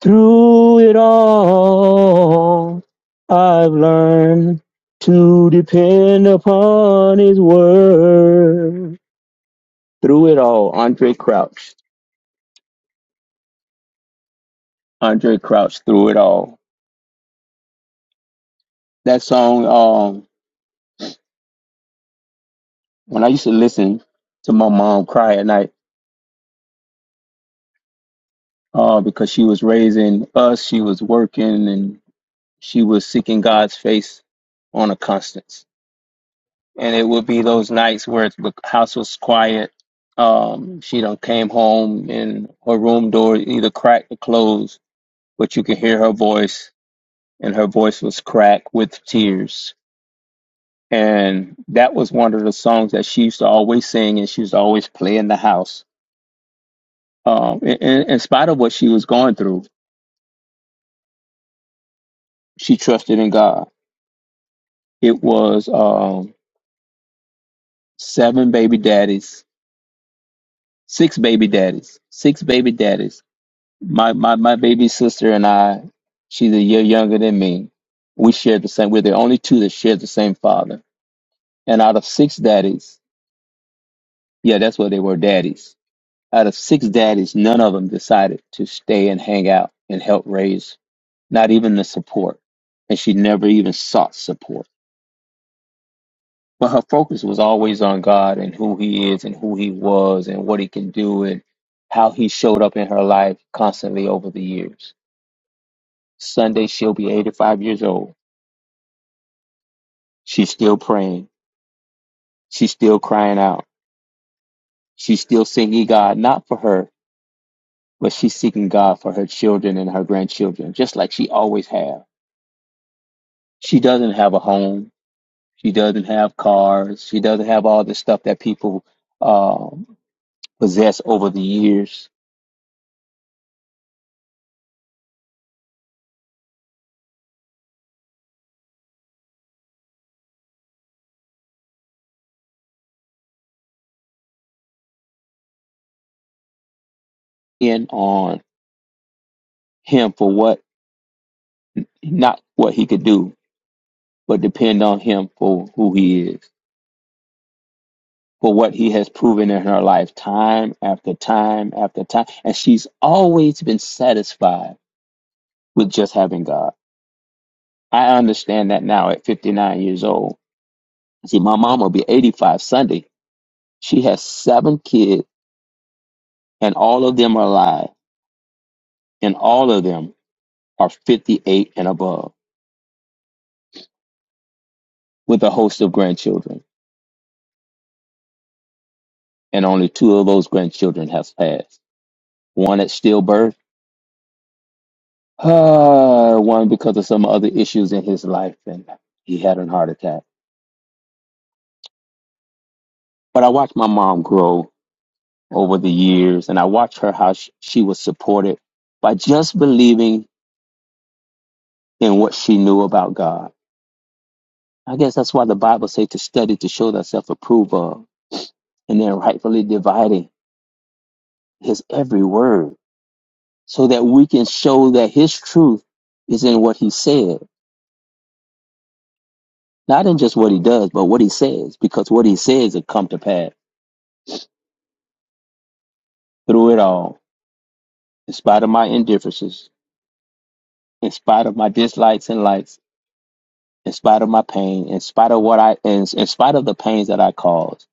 Speaker 6: Through it all, I've learned to depend upon his word. Through it all, Andre Crouch. Andre Crouch, through it all. That song, um, when I used to listen to my mom cry at night, uh, because she was raising us, she was working, and she was seeking God's face on a constant. and it would be those nights where the house was quiet. Um, she done came home and her room door either cracked or closed, but you could hear her voice, and her voice was cracked with tears. And that was one of the songs that she used to always sing, and she used to always play in the house. Um, in, in in spite of what she was going through, she trusted in God. It was um, seven baby daddies, six baby daddies, six baby daddies My my my baby sister and I, she's a year younger than me. We shared the same. We're the only two that shared the same father. And out of six daddies, yeah, that's what they were, daddies. Out of six daddies, none of them decided to stay and hang out and help raise, not even the support. And she never even sought support. But her focus was always on God and who He is and who He was and what He can do and how He showed up in her life constantly over the years. Sunday, she'll be 85 years old She's still praying. She's still crying out. She's still seeking God, not for her, but she's seeking God for her children and her grandchildren, just like she always have. She doesn't have a home. She doesn't have cars. She doesn't have all the stuff that people um, possess over the years. In on him for what, not what he could do, but depend on him for who he is, for what he has proven in her life, time after time after time. And she's always been satisfied with just having God. I understand that now at 59 years old. See, my mom will be 85 Sunday. She has seven kids, and all of them are alive, and all of them are 58 and above, with a host of grandchildren. And only two of those grandchildren have passed one at stillbirth, uh, one because of some other issues in his life, and he had a heart attack. But I watched my mom grow over the years, and I watched her how she, she was supported by just believing In what she knew about God. I guess that's why the Bible says to study to show thyself approved of, and then rightfully dividing his every word, so that we can show that his truth is in what he said, not in just what he does, but what he says, because what he says will come to pass through it all, in spite of my indifferences, in spite of my dislikes and likes, in spite of my pain, in spite of what I, in, in spite of the pains that I caused,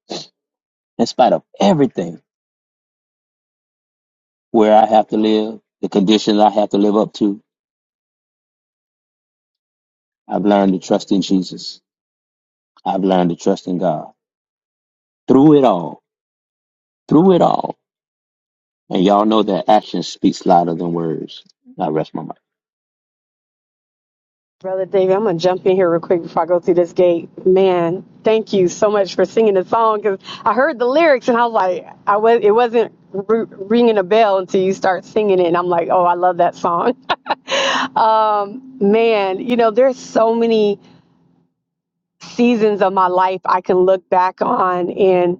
Speaker 6: in spite of everything, where I have to live, the conditions I have to live up to, I've learned to trust in Jesus. I've learned to trust in God through it all, through it all. And y'all know that action speaks louder than words. I rest my mind.
Speaker 4: Brother David, I'm gonna jump in here real quick before I go through this gate. Man, thank you so much for singing the song because I heard the lyrics and I was like, I was it wasn't r ringing a bell until you start singing it, and I'm like, oh, I love that song. um, man, you know, there's so many seasons of my life I can look back on, and.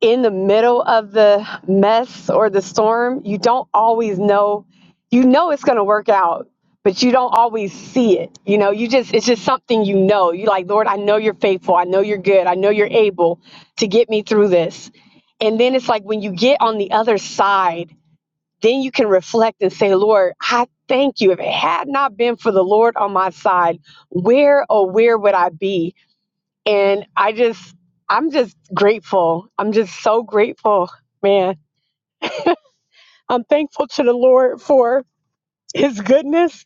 Speaker 4: in the middle of the mess or the storm, you don't always know. You know it's going to work out, but you don't always see it. You know, you just, it's just something you know. You like, Lord, I know you're faithful. I know you're good. I know you're able to get me through this. And then it's like when you get on the other side, then you can reflect and say, Lord, I thank you. If it had not been for the Lord on my side, where, oh, where would I be? and I just I'm just grateful. I'm just so grateful, man. I'm thankful to the Lord for his goodness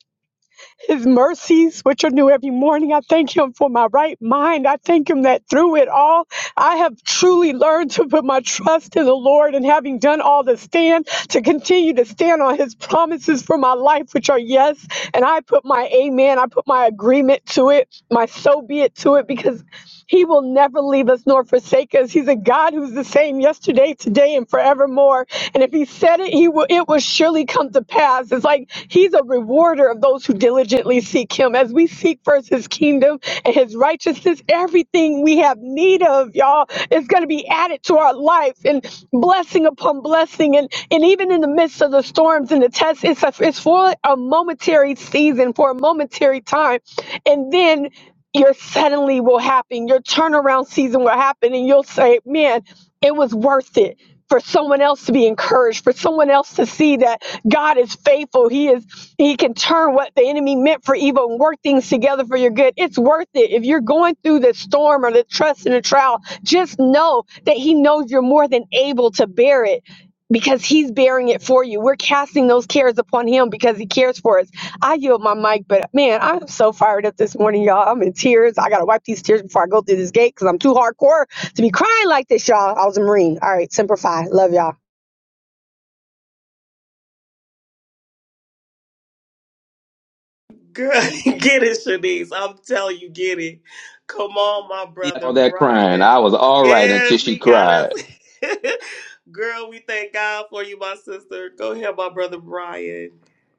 Speaker 4: his mercies, which are new every morning. I thank Him for my right mind. I thank Him that through it all, I have truly learned to put my trust in the Lord and having done all to stand, to continue to stand on His promises for my life, which are yes. And I put my amen, I put my agreement to it, my so be it to it, because He will never leave us nor forsake us. He's a God who's the same yesterday, today, and forevermore. And if He said it, He will. It will surely come come to pass. It's like he's a rewarder of those who diligently seek him. As we seek first his kingdom and his righteousness, everything we have need of, y'all, is going to be added to our life and blessing upon blessing. And, and even in the midst of the storms and the tests, it's, a, it's for a momentary season, for a momentary time. And then your suddenly will happen, your turnaround season will happen, and you'll say, Man, it was worth it for someone else to be encouraged, for someone else to see that God is faithful. He is he can turn what the enemy meant for evil and work things together for your good. It's worth it. If you're going through the storm or the trust and the trial, just know that he knows you're more than able to bear it. Because he's bearing it for you. We're casting those cares upon him because he cares for us. I yield my mic, but man, I'm so fired up this morning, y'all. I'm in tears. I got to wipe these tears before I go through this gate because I'm too hardcore to be crying like this, y'all. I was a Marine. All right, Semper Fi. Love y'all.
Speaker 1: Girl, get it, Shanice. I'm telling you, get it. Come on, my brother
Speaker 6: All that crying,
Speaker 1: Brian.
Speaker 6: I was all right until
Speaker 1: Yes,
Speaker 6: she
Speaker 1: he got
Speaker 6: cried.
Speaker 1: us. Girl, we thank God for you, my sister. Go ahead, my brother Brian.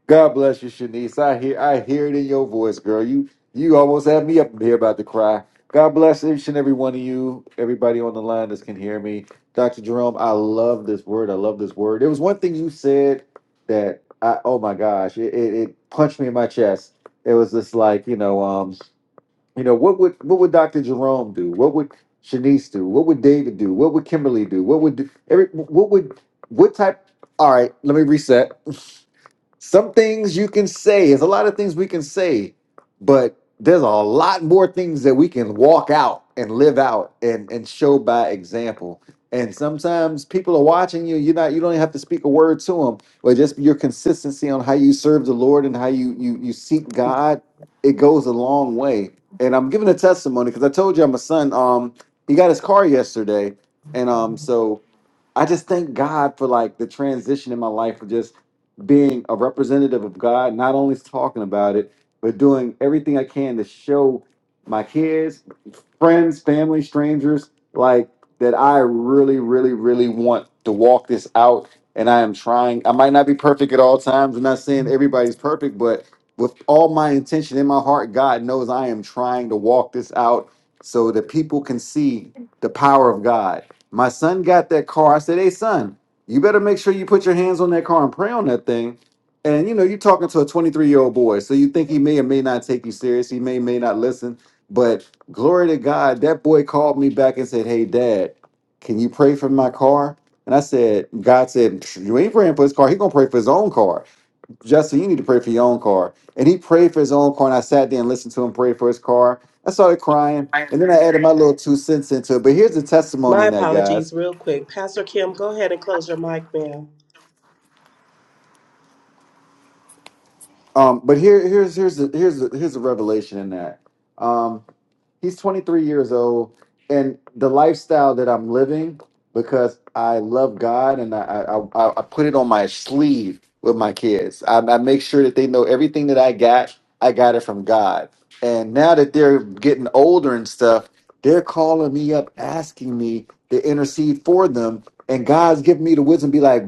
Speaker 7: God bless you, Shanice. I hear I hear it in your voice, girl. You you almost had me up in here about to cry. God bless each and every one of you, everybody on the line that can hear me. Dr. Jerome, I love this word. I love this word. There was one thing you said that I oh my gosh, it, it, it punched me in my chest. It was just like, you know, um, you know, what would what would Dr. Jerome do? What would Shanice do? What would David do? What would Kimberly do? What would do, every what would what type all right, let me reset some things you can say, there's a lot of things we can say, but there's a lot more things that we can walk out and live out and, and show by example. And sometimes people are watching you. You're not. You don't even have to speak a word to them, but just your consistency on how you serve the Lord and how you you you seek God, it goes a long way. And I'm giving a testimony because I told you I'm a son. Um, he got his car yesterday, and um, so I just thank God for like the transition in my life of just being a representative of God, not only talking about it, but doing everything I can to show my kids, friends, family, strangers, like that I really, really, really want to walk this out. And I am trying. I might not be perfect at all times. I'm not saying everybody's perfect, but with all my intention in my heart, God knows I am trying to walk this out so that people can see the power of God my son got that car. I said, Hey, son, you better make sure you put your hands on that car and pray on that thing. And you know, you're talking to a 23 year old boy, so you think he may or may not take you serious. He may, may not listen. But glory to God, that boy called me back and said, Hey, dad, can you pray for my car? And I said, God said, "Psh, You ain't praying for his car. He going to pray for his own car. Jesse, you need to pray for your own car. And he prayed for his own car, and I sat there and listened to him pray for his car. I started crying,
Speaker 8: I
Speaker 7: and then I added my little two cents into it. But here's the testimony
Speaker 1: My
Speaker 7: in that, guys.
Speaker 1: apologies, real quick. Pastor Kim, go ahead and close your mic, ma'am.
Speaker 7: Um, but here, here's here's the here's the here's the revelation in that. Um, he's 23 years old and the lifestyle that i'm living because i love god and i i, I, I put it on my sleeve with my kids I, I make sure that they know everything that i got i got it from god and now that they're getting older and stuff they're calling me up asking me to intercede for them and god's giving me the wisdom be like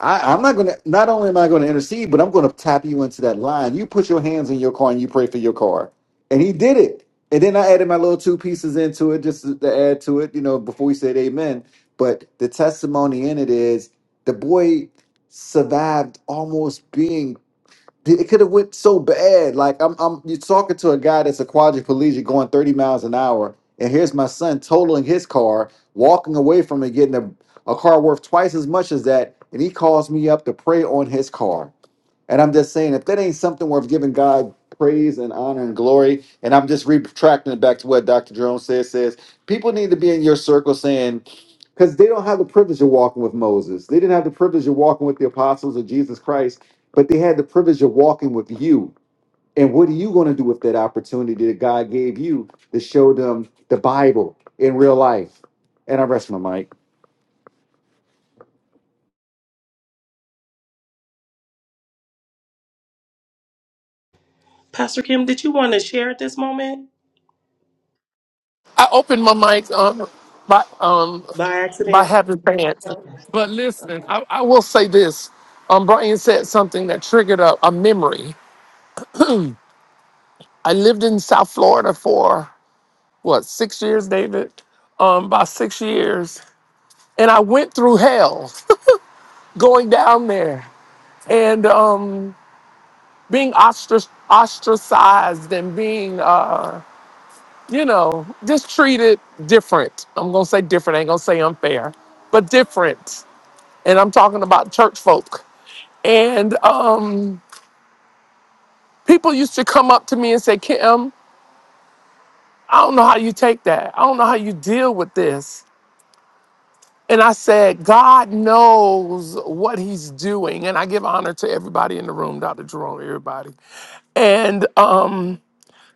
Speaker 7: I, I'm not gonna. Not only am I gonna intercede, but I'm gonna tap you into that line. You put your hands in your car and you pray for your car, and he did it. And then I added my little two pieces into it just to to add to it, you know, before we said amen. But the testimony in it is the boy survived almost being it could have went so bad. Like I'm I'm you're talking to a guy that's a quadriplegic going 30 miles an hour, and here's my son totaling his car, walking away from it, getting a, a car worth twice as much as that, and he calls me up to pray on his car. And I'm just saying, if that ain't something worth giving God praise and honor and glory, and I'm just retracting it back to what Dr. Jerome says, says people need to be in your circle saying, because they don't have the privilege of walking with Moses. They didn't have the privilege of walking with the apostles of Jesus Christ, but they had the privilege of walking with you. And what are you going to do with that opportunity that God gave you to show them the Bible in real life? And I rest my mic.
Speaker 1: Pastor Kim, did you want to share at this moment
Speaker 8: opened my mic um, by um,
Speaker 1: by
Speaker 8: by
Speaker 1: accident?
Speaker 8: having pants. But listen, I, I will say this. Um, Brian said something that triggered a, a memory. I lived in South Florida for what six years, David? Um, about six years, and I went through hell going down there and um, being ostrac- ostracized and being, uh, you know, just treated different. I'm gonna say different. I ain't gonna say unfair, but different and I'm talking about church folk. And um, people used to come up to me and say, Kim, I don't know how you take that. I don't know how you deal with this. And I said, God knows what he's doing. And I give honor to everybody in the room, Dr. Jerome, everybody. And um,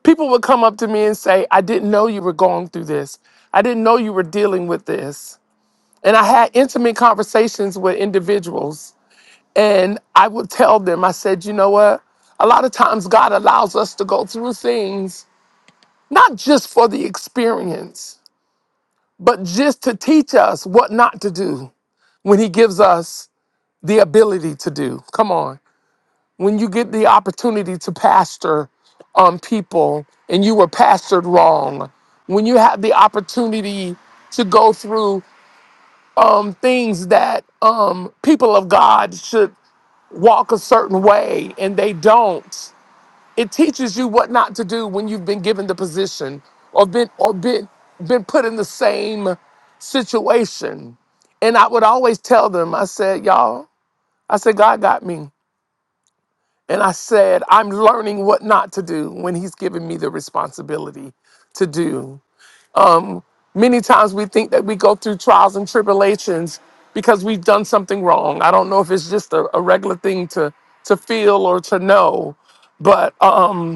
Speaker 8: people would come up to me and say, I didn't know you were going through this. I didn't know you were dealing with this. And I had intimate conversations with individuals And I would tell them, I said, you know what? A lot of times God allows us to go through things, not just for the experience, but just to teach us what not to do when He gives us the ability to do. Come on. When you get the opportunity to pastor on people and you were pastored wrong, when you have the opportunity to go through um, things that um, people of God should walk a certain way and they don't It teaches you what not to do when you've been given the position or been or been been put in the same situation. And I would always tell them, I said, y'all, I said, God got me. And I said, I'm learning what not to do when He's given me the responsibility to do. Many times we think that we go through trials and tribulations because we've done something wrong. I don't know if it's just a, a regular thing to, to feel or to know, but um.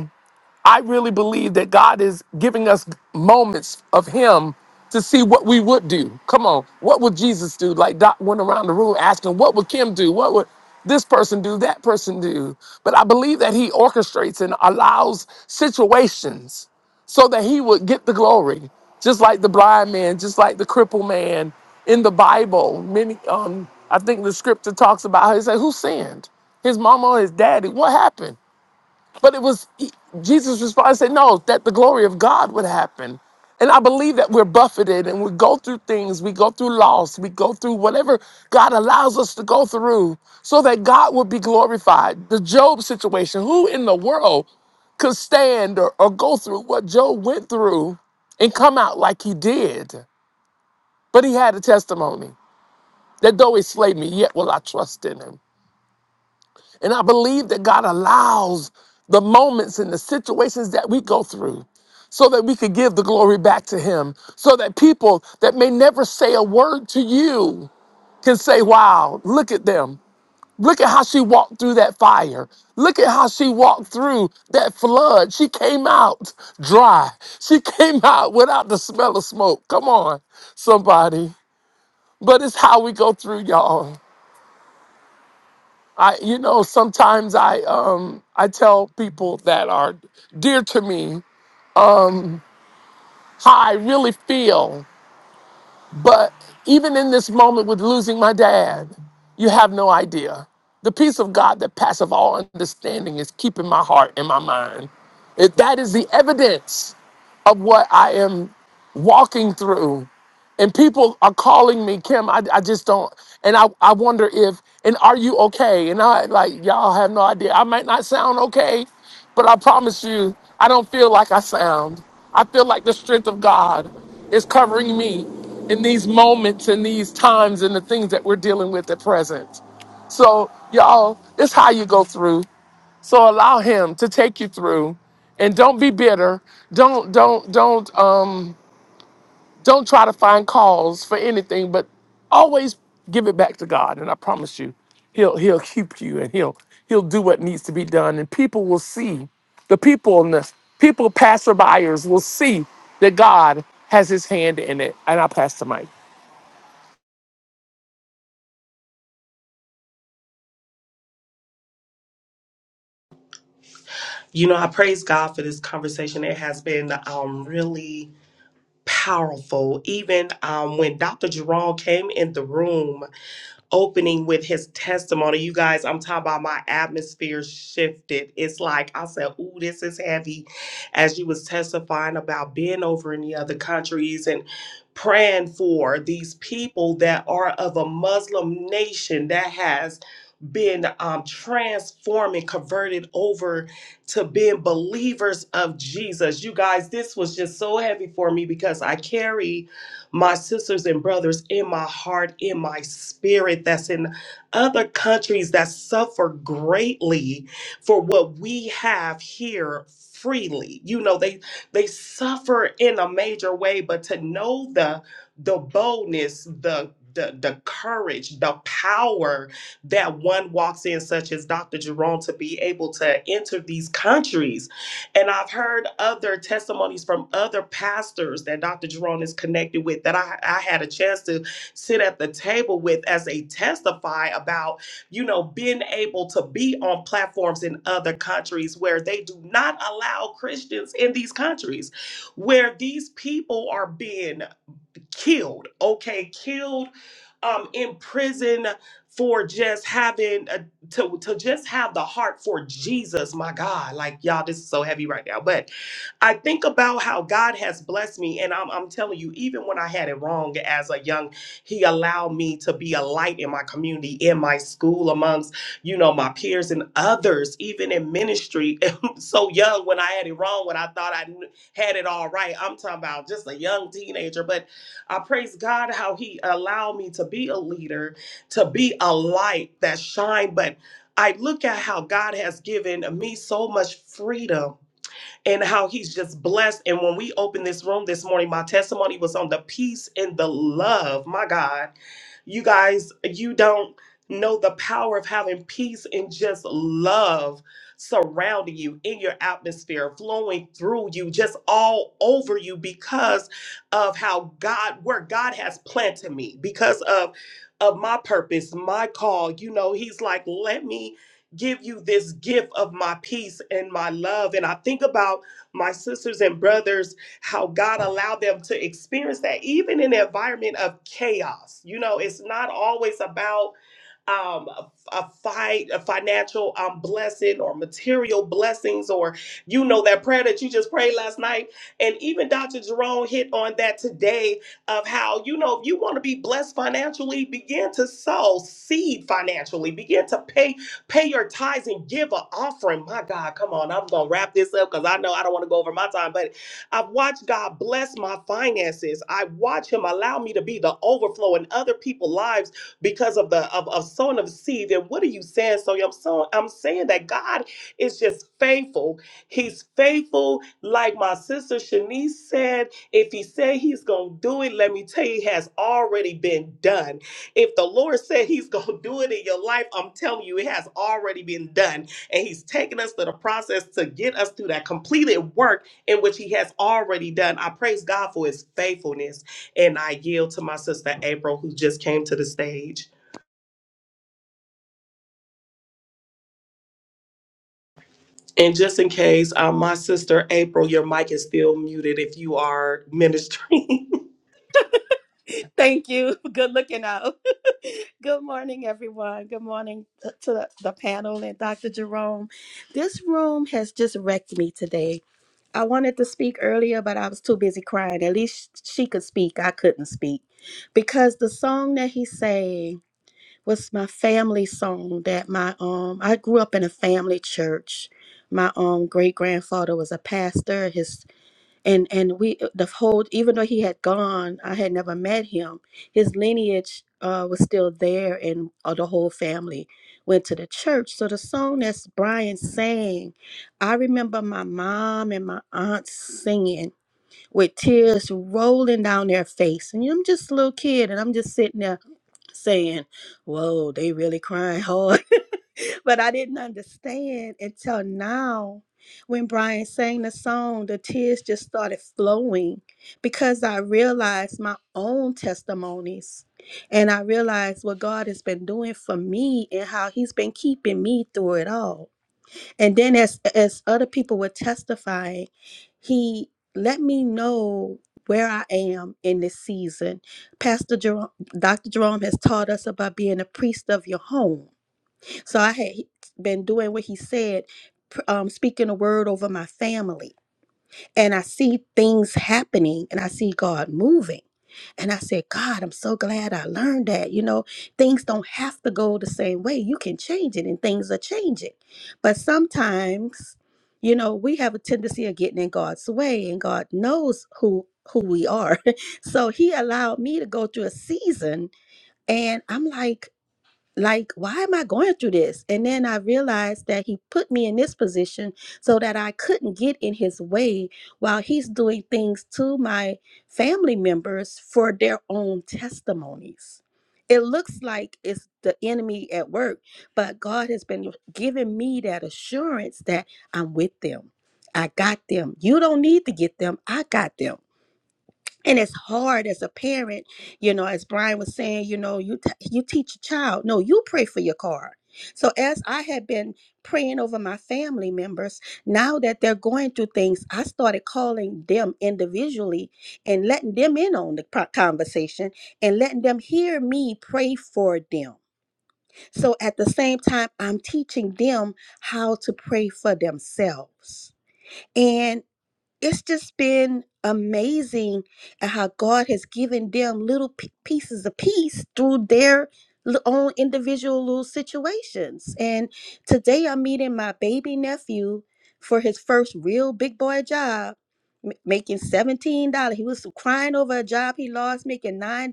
Speaker 8: I really believe that God is giving us moments of Him to see what we would do. Come on, what would Jesus do? Like Doc went around the room asking, what would Kim do? What would this person do? That person do? But I believe that He orchestrates and allows situations so that He would get the glory, just like the blind man, just like the crippled man in the Bible. Many, um, I think the scripture talks about how He said, "Who sinned? His mama or his daddy? What happened?" But it was he- Jesus' response said, No, that the glory of God would happen. And I believe that we're buffeted and we go through things, we go through loss, we go through whatever God allows us to go through so that God would be glorified. The Job situation, who in the world could stand or, or go through what Job went through and come out like he did? But he had a testimony that though he slayed me, yet will I trust in him. And I believe that God allows the moments and the situations that we go through so that we could give the glory back to Him, so that people that may never say a word to you can say, Wow, look at them. Look at how she walked through that fire. Look at how she walked through that flood. She came out dry. She came out without the smell of smoke. Come on, somebody. But it's how we go through, y'all. I, you know, sometimes I, um, I tell people that are dear to me how I really feel. But even in this moment with losing my dad, you have no idea. The peace of God that passeth all understanding is keeping my heart and my mind. If that is the evidence of what I am walking through and people are calling me kim i, I just don't and I, I wonder if and are you okay and i like y'all have no idea i might not sound okay but i promise you i don't feel like i sound i feel like the strength of god is covering me in these moments and these times and the things that we're dealing with at present so y'all it's how you go through so allow him to take you through and don't be bitter don't don't don't um don't try to find cause for anything, but always give it back to God. And I promise you, He'll He'll keep you and He'll He'll do what needs to be done. And people will see, the people in the people passerbyers will see that God has his hand in it. And I pass the mic.
Speaker 1: You know, I praise God for this conversation. It has been um really powerful. Even um when Dr. Jerome came in the room. opening with his testimony. You guys, I'm talking about my atmosphere shifted. It's like I said, ooh, this is heavy. As you was testifying about being over in the other countries and praying for these people that are of a Muslim nation that has been um, transformed and converted over to being believers of Jesus. You guys, this was just so heavy for me because I carry my sisters and brothers in my heart, in my spirit, that's in other countries that suffer greatly for what we have here freely. You know, they they suffer in a major way, but to know the the boldness, the the, the courage, the power that one walks in, such as Dr. Jerome, to be able to enter these countries and I've heard other testimonies from other pastors that Dr. Jerome is connected with that I, I had a chance to sit at the table with as they testify about, you know, being able to be on platforms in other countries where they do not allow Christians in these countries, where these people are being killed, okay, killed um in prison for just having a, to to just have the heart for Jesus, my God. Like y'all this is so heavy right now, but I think about how God has blessed me and I'm I'm telling you even when I had it wrong as a young he allowed me to be a light in my community, in my school amongst, you know, my peers and others, even in ministry. so young when I had it wrong when I thought I kn- had it all right. I'm talking about just a young teenager, but I praise God how He allowed me to be a leader, to be a light that shine. But I look at how God has given me so much freedom and how he's just blessed. And when we opened this room this morning, my testimony was on the peace and the love. My God, you guys, you don't know the power of having peace and just love surrounding you in your atmosphere, flowing through you, just all over you because of how God, where God has planted me, because of of my purpose, my call. You know, he's like, let me give you this gift of my peace and my love. And I think about my sisters and brothers, how God allowed them to experience that, even in an environment of chaos. You know, it's not always about um, a, a fight, a financial um, blessing or material blessings, or you know that prayer that you just prayed last night. And even Dr. Jerome hit on that today of how, you know, if you want to be blessed financially, begin to sow seed financially, begin to pay pay your tithes and give an offering. My God, come on, I'm gonna wrap this up because I know I don't want to go over my time, but I've watched God bless my finances. I watch Him allow me to be the overflow in other people's lives because of the of, of sowing of seed. And what are you saying? So I'm so I'm saying that God is just faithful. He's faithful, like my sister Shanice said. If He said He's gonna do it, let me tell you, it has already been done. If the Lord said He's gonna do it in your life, I'm telling you, it has already been done, and He's taken us through the process to get us through that completed work in which He has already done. I praise God for His faithfulness. And I yield to my sister April, who just came to the stage. And just in case, uh, my sister April, your mic is still muted if you are ministering.
Speaker 9: Thank you. Good looking out. Good morning, everyone. Good morning t- to the, the panel and Dr. Jerome. This room has just wrecked me today. I wanted to speak earlier, but I was too busy crying. At least she could speak. I couldn't speak because the song that he sang was my family song. That my um, I grew up in a family church. My um great grandfather was a pastor. His and and we uh, the whole even though he had gone i had never met him his lineage uh, was still there and uh, the whole family went to the church so the song that's brian sang i remember my mom and my aunt singing with tears rolling down their face and i'm just a little kid and i'm just sitting there saying whoa they really crying hard but I didn't understand until now when Brian sang the song, the tears just started flowing because I realized my own testimonies and I realized what God has been doing for me and how he's been keeping me through it all. And then as as other people were testifying, he let me know where I am in this season. Pastor Jerome, Dr. Jerome has taught us about being a priest of your home so I had been doing what he said, pr- um, speaking a word over my family. And I see things happening and I see God moving. And I said, God, I'm so glad I learned that. You know, things don't have to go the same way. You can change it and things are changing. But sometimes, you know, we have a tendency of getting in God's way and God knows who who we are. so he allowed me to go through a season and I'm like like why am i going through this and then i realized that he put me in this position so that i couldn't get in his way while he's doing things to my family members for their own testimonies it looks like it's the enemy at work but god has been giving me that assurance that i'm with them i got them you don't need to get them i got them and it's hard as a parent you know as brian was saying you know you t- you teach a child no you pray for your car so as i had been praying over my family members now that they're going through things i started calling them individually and letting them in on the pro- conversation and letting them hear me pray for them so at the same time i'm teaching them how to pray for themselves it's just been amazing at how God has given them little p- pieces of peace through their l- own individual little situations. And today I'm meeting my baby nephew for his first real big boy job, m- making $17. He was crying over a job he lost, making $9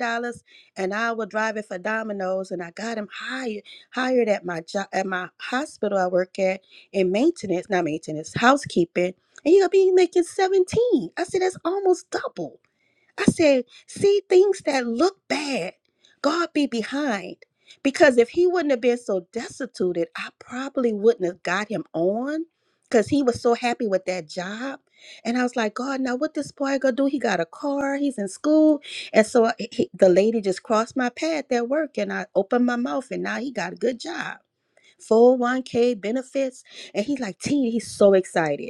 Speaker 9: an hour driving for Domino's. And I got him hired, hired at my job, at my hospital I work at in maintenance, not maintenance, housekeeping and you're gonna be making 17. I said, that's almost double. I said, see things that look bad, God be behind. Because if he wouldn't have been so destituted, I probably wouldn't have got him on because he was so happy with that job. And I was like, God, now what this boy gonna do? He got a car, he's in school. And so he, he- the lady just crossed my path at work and I opened my mouth and now he got a good job. 401k benefits. And he's like, T, he's so excited.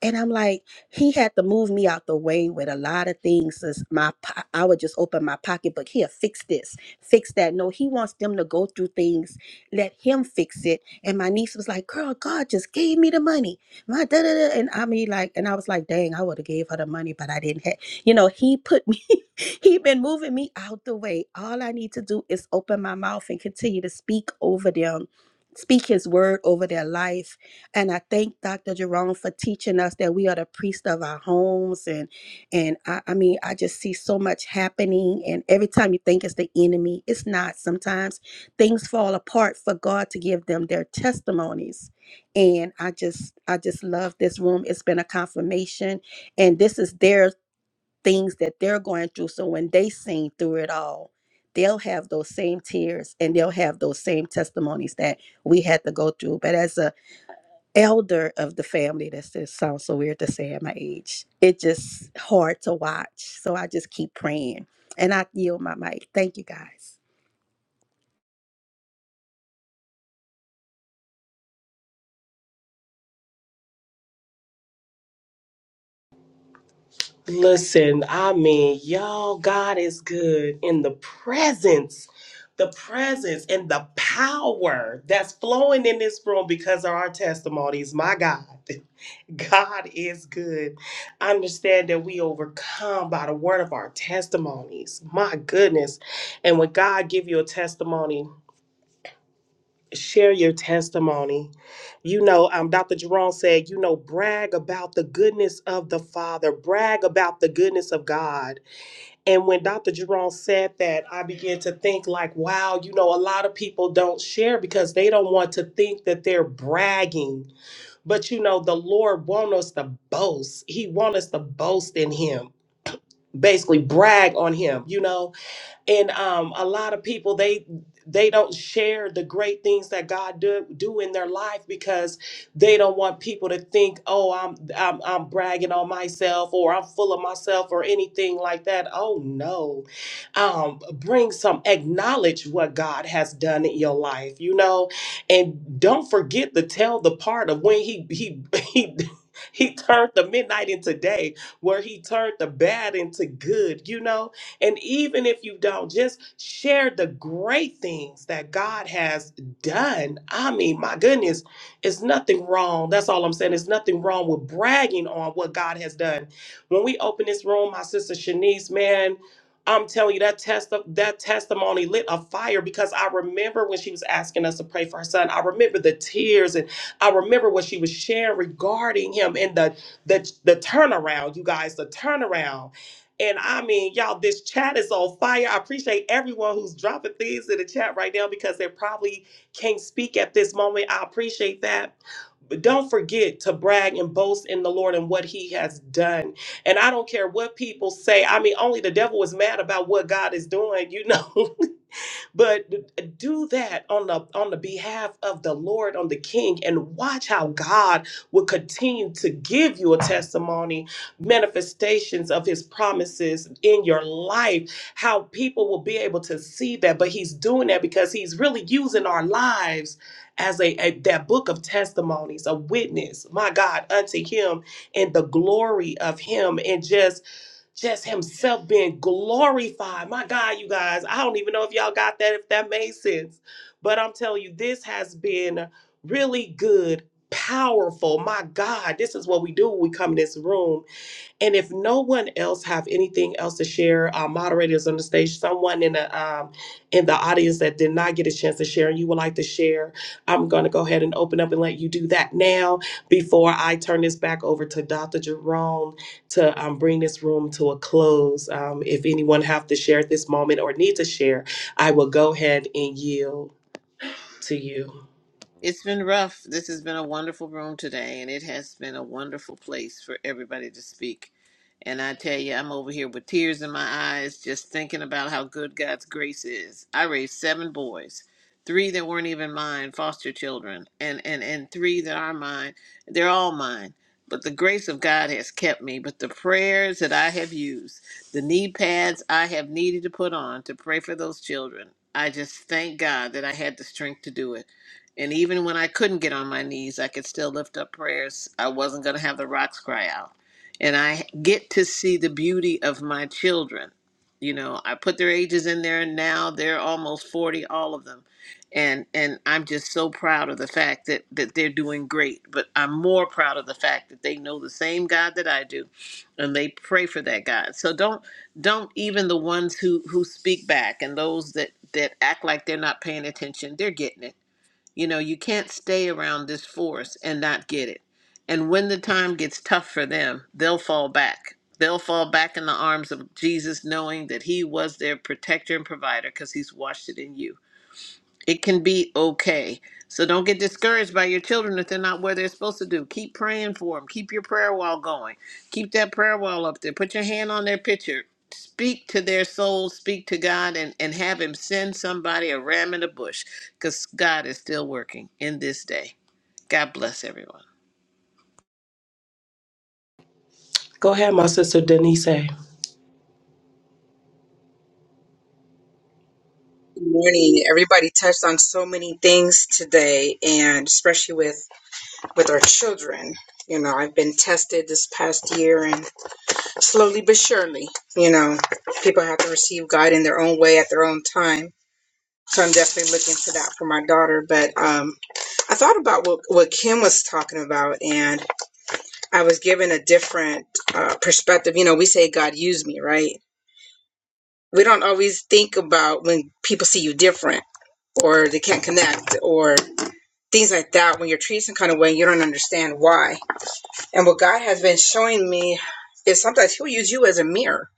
Speaker 9: And I'm like, he had to move me out the way with a lot of things. Is my po- I would just open my pocketbook here, fix this, fix that. No, he wants them to go through things. Let him fix it. And my niece was like, "Girl, God just gave me the money." My da da da. And I mean, like, and I was like, "Dang, I would have gave her the money, but I didn't have." You know, he put me. he been moving me out the way. All I need to do is open my mouth and continue to speak over them, speak His word over their life and I thank Dr. Jerome for teaching us that we are the priest of our homes. And and I, I mean, I just see so much happening. And every time you think it's the enemy, it's not. Sometimes things fall apart for God to give them their testimonies. And I just I just love this room. It's been a confirmation. And this is their things that they're going through. So when they sing through it all, they'll have those same tears and they'll have those same testimonies that we had to go through. But as a elder of the family. That's just sounds so weird to say at my age. It's just hard to watch. So I just keep praying. And I yield my mic. Thank you guys.
Speaker 1: Listen, I mean, y'all, God is good in the presence, the presence and the power that's flowing in this room because of our testimonies. My God, God is good. Understand that we overcome by the word of our testimonies. My goodness. And when God give you a testimony, share your testimony. You know, um, Dr. Jerome said, you know, brag about the goodness of the Father, brag about the goodness of God. And when Dr. Jerome said that, I began to think, like, wow, you know, a lot of people don't share because they don't want to think that they're bragging. But, you know, the Lord wants us to boast, He wants us to boast in Him, basically brag on Him, you know and um, a lot of people they they don't share the great things that God do, do in their life because they don't want people to think, oh, I'm, I'm I'm bragging on myself or I'm full of myself or anything like that. Oh no, um, bring some acknowledge what God has done in your life, you know, and don't forget to tell the part of when he he he. He turned the midnight into day, where he turned the bad into good, you know and even if you don't, just share the great things that God has done. I mean, my goodness, it's nothing wrong. That's all I'm saying. It's nothing wrong with bragging on what God has done. When we open this room, my sister Shanice, man, I'm telling you that test that testimony lit a fire because I remember when she was asking us to pray for her son. I remember the tears and I remember what she was sharing regarding him and the the the turnaround, you guys, the turnaround and I mean, y'all, this chat is on fire. I appreciate everyone who's dropping things in the chat right now because they probably can't speak at this moment. I appreciate that. But don't forget to brag and boast in the Lord and what He has done. And I don't care what people say. I mean, only the devil is mad about what God is doing, you know. but do that on the on the behalf of the Lord, on the King, and watch how God will continue to give you a testimony, manifestations of His promises in your life. How people will be able to see that, but He's doing that because He's really using our lives as a, a that book of testimonies, a witness. My God, unto Him and the glory of Him, and just just himself being glorified. My God, you guys, I don't even know if y'all got that, if that made sense. But I'm telling you, this has been really good, powerful. My God, this is what we do when we come in this room and if no one else have anything else to share, our moderators on the stage, someone in the um, in the audience that did not get a chance to share, and you would like to share, I'm going to go ahead and open up and let you do that now before I turn this back over to Dr. Jerome to um, bring this room to a close. Um, if anyone have to share at this moment or need to share, I will go ahead and yield to you.
Speaker 3: It's been rough. This has been a wonderful room today, and it has been a wonderful place for everybody to speak. And I tell you, I'm over here with tears in my eyes just thinking about how good God's grace is. I raised seven boys, three that weren't even mine, foster children, and, and, and three that are mine. They're all mine. But the grace of God has kept me. But the prayers that I have used, the knee pads I have needed to put on to pray for those children, I just thank God that I had the strength to do it. And even when I couldn't get on my knees, I could still lift up prayers. I wasn't going to have the rocks cry out. And I get to see the beauty of my children. You know, I put their ages in there and now they're almost 40 all of them. And and I'm just so proud of the fact that that they're doing great, but I'm more proud of the fact that they know the same God that I do and they pray for that God. So don't don't even the ones who who speak back and those that that act like they're not paying attention, they're getting it you know, you can't stay around this force and not get it. And when the time gets tough for them, they'll fall back. They'll fall back in the arms of Jesus, knowing that He was their protector and provider because He's washed it in you. It can be okay. So don't get discouraged by your children if they're not where they're supposed to do. Keep praying for them. Keep your prayer wall going. Keep that prayer wall up there. Put your hand on their picture. Speak to their soul. Speak to God and, and have Him send somebody a ram in a bush because God is still working in this day. God bless everyone.
Speaker 1: Go ahead, my sister Denise.
Speaker 10: Good morning. Everybody touched on so many things today, and especially with with our children. You know, I've been tested this past year, and slowly but surely, you know, people have to receive God in their own way at their own time. So I'm definitely looking for that for my daughter. But um, I thought about what what Kim was talking about, and I was given a different uh, perspective. You know, we say God used me, right? We don't always think about when people see you different or they can't connect or things like that when you're treated some kind of way you don't understand why and what god has been showing me is sometimes he'll use you as a mirror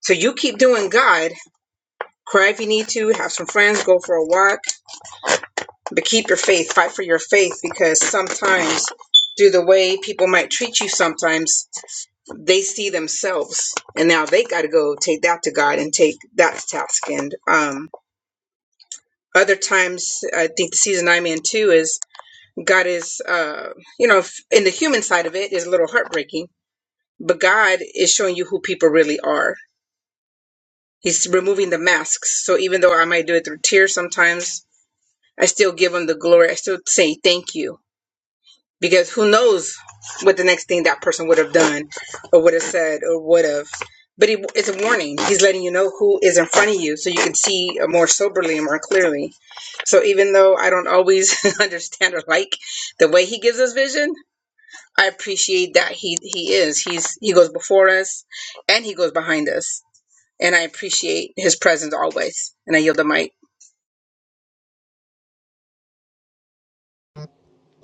Speaker 10: so you keep doing god cry if you need to have some friends go for a walk but keep your faith fight for your faith because sometimes through the way people might treat you sometimes they see themselves and now they got to go take that to god and take that to task and um other times i think the season i'm in too is God is, uh, you know, f- in the human side of it is a little heartbreaking, but God is showing you who people really are. He's removing the masks. So even though I might do it through tears sometimes, I still give him the glory. I still say thank you because who knows what the next thing that person would have done or would have said or would have. But he, it's a warning. He's letting you know who is in front of you so you can see more soberly and more clearly. So even though I don't always understand or like the way he gives us vision, I appreciate that he he is. He's he goes before us and he goes behind us. And I appreciate his presence always. And I yield the mic.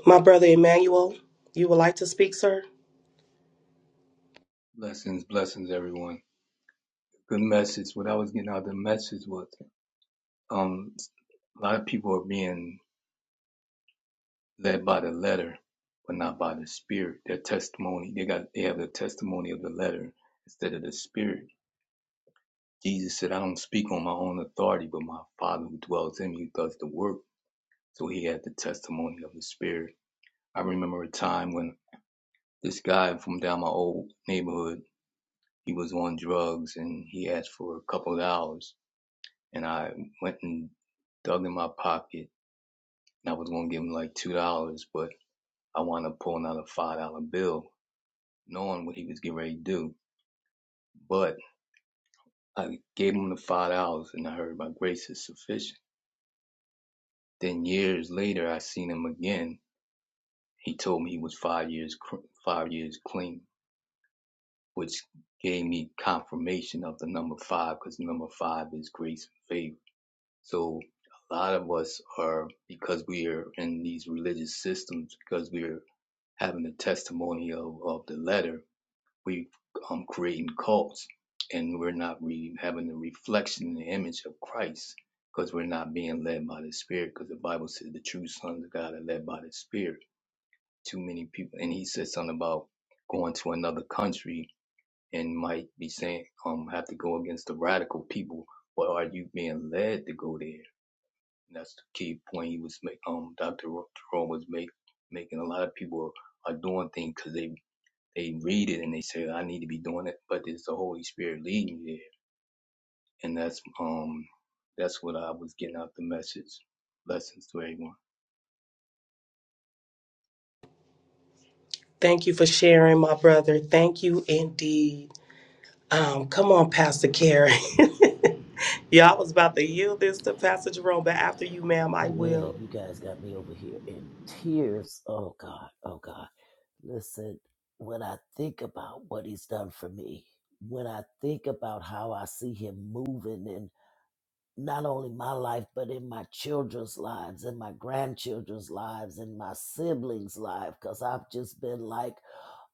Speaker 1: My brother Emmanuel, you would like to speak, sir?
Speaker 11: Blessings, blessings, everyone. Good message. What I was getting out of the message was um, a lot of people are being led by the letter, but not by the spirit. Their testimony, they got, they have the testimony of the letter instead of the spirit. Jesus said, "I don't speak on my own authority, but my Father who dwells in me does the work." So he had the testimony of the spirit. I remember a time when this guy from down my old neighborhood, he was on drugs and he asked for a couple of hours and I went and dug in my pocket and I was gonna give him like two dollars, but I wound up pulling out a five dollar bill, knowing what he was getting ready to do. But I gave him the five dollars and I heard my grace is sufficient. Then years later, I seen him again. He told me he was five years five years clean, which gave me confirmation of the number five because number five is grace and favor. So a lot of us are because we are in these religious systems because we're having the testimony of, of the letter, we um creating cults and we're not re- having the reflection and the image of Christ because we're not being led by the Spirit because the Bible says the true sons of God are led by the Spirit. Too many people, and he said something about going to another country and might be saying, um, have to go against the radical people. But are you being led to go there? And that's the key point he was making. Um, Dr. Jerome was make, making a lot of people are doing things because they they read it and they say, I need to be doing it, but it's the Holy Spirit leading you there. And that's um that's what I was getting out the message. Blessings to everyone.
Speaker 1: Thank you for sharing, my brother. Thank you indeed. Um, come on, Pastor Karen. yeah, I was about to yield this to Pastor Jerome, but after you, ma'am, I
Speaker 12: Hey man,
Speaker 1: will.
Speaker 12: you guys got me over here in tears. Oh God, oh God. Listen, when I think about what he's done for me, when I think about how I see him moving in not only my life, but in my children's lives, in my grandchildren's lives, in my siblings' lives, because I've just been like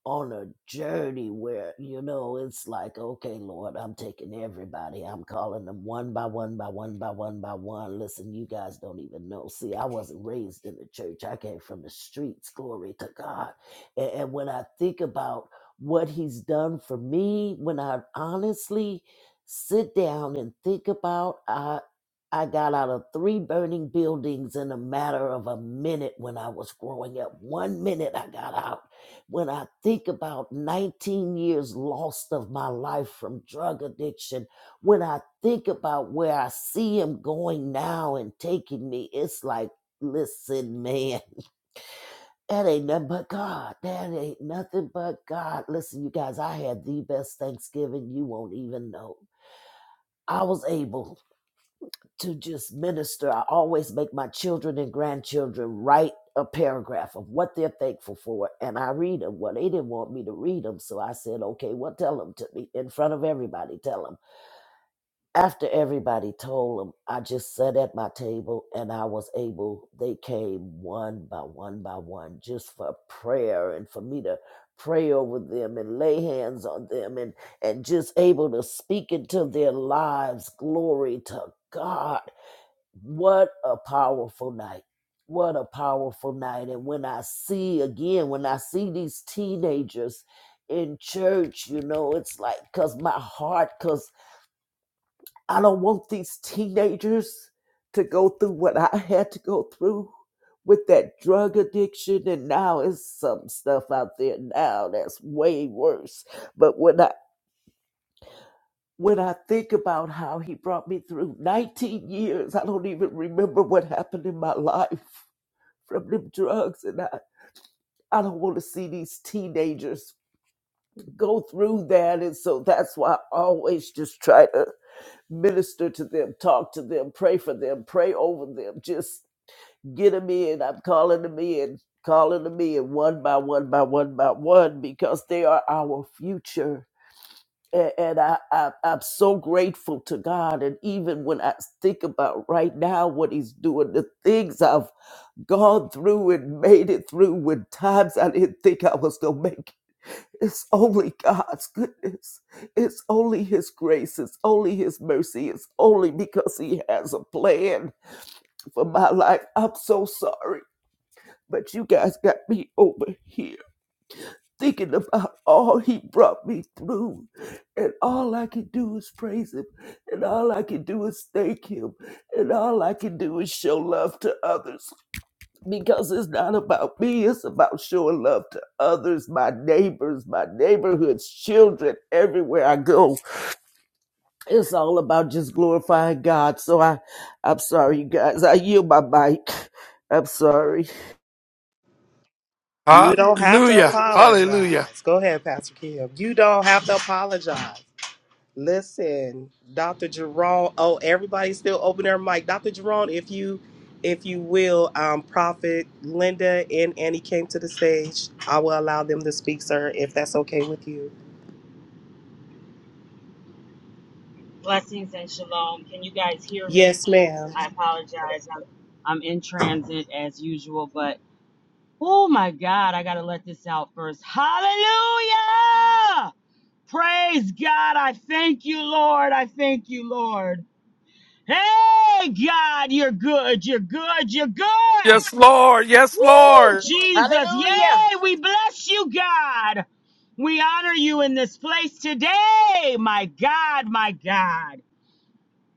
Speaker 12: on a journey where you know it's like okay lord i'm taking everybody i'm calling them one by one by one by one by one listen you guys don't even know see i wasn't raised in the church i came from the streets glory to god and, and when i think about what he's done for me when i honestly sit down and think about i I got out of three burning buildings in a matter of a minute when I was growing up. One minute I got out when I think about 19 years lost of my life from drug addiction, when I think about where I see him going now and taking me, it's like, listen, man, that ain't nothing but God. That ain't nothing but God. Listen, you guys, I had the best Thanksgiving you won't even know. I was able to just minister. I always make my children and grandchildren write a paragraph of what they're thankful for, and I read them. Well, they didn't want me to read them, so I said, "Okay, well, tell them to me in front of everybody. Tell them." After everybody told them, I just sat at my table, and I was able. They came one by one by one, just for prayer and for me to pray over them and lay hands on them and and just able to speak into their lives glory to god what a powerful night what a powerful night and when i see again when i see these teenagers in church you know it's like cuz my heart cuz i don't want these teenagers to go through what i had to go through with that drug addiction and now it's some stuff out there now that's way worse but when i when I think about how he brought me through 19 years, I don't even remember what happened in my life from them drugs and I, I don't want to see these teenagers go through that and so that's why I always just try to minister to them, talk to them, pray for them, pray over them, just get them in. I'm calling them in, calling them in one by one by one by one because they are our future. A- And I, I, I'm so grateful to God. And even when I think about right now what He's doing, the things I've gone through and made it through when times I didn't think I was going to make it. It's only God's goodness. It's only His grace. It's only His mercy. It's only because He has a plan for my life. I'm so sorry, but you guys got me over here thinking about all He brought me through. And all I can do is praise Him. And all I can do is thank Him. And all I can do is show love to others because it's not about me. It's about showing love to others, my neighbors, my neighborhoods, children, everywhere I go. It's all about just glorifying God. So I, I'm sorry, you guys. I yield my mic. I'm sorry.
Speaker 1: You don't have to
Speaker 8: Hallelujah. Hallelujah.
Speaker 1: apologize. Go ahead, Pastor Kim. You don't have to apologize. Listen, Dr. Jerome. Oh, everybody's still open their mic. Dr. Jerome, if you if you will, um, Prophet Linda and Annie came to the stage. I will allow them to speak, sir, if that's okay with you.
Speaker 13: Blessings and shalom. Can you guys hear me?
Speaker 1: Yes, ma'am.
Speaker 13: I apologize. I'm, I'm in transit as usual, but oh my God, I got to let this out first. Hallelujah! Praise God. I thank you, Lord. I thank you, Lord. Hey, God, you're good. You're good. You're good.
Speaker 8: Yes, Lord. Yes,
Speaker 13: Woo,
Speaker 8: Lord.
Speaker 13: Jesus. Yay, we bless you, God. We honor you in this place today. My God, my God.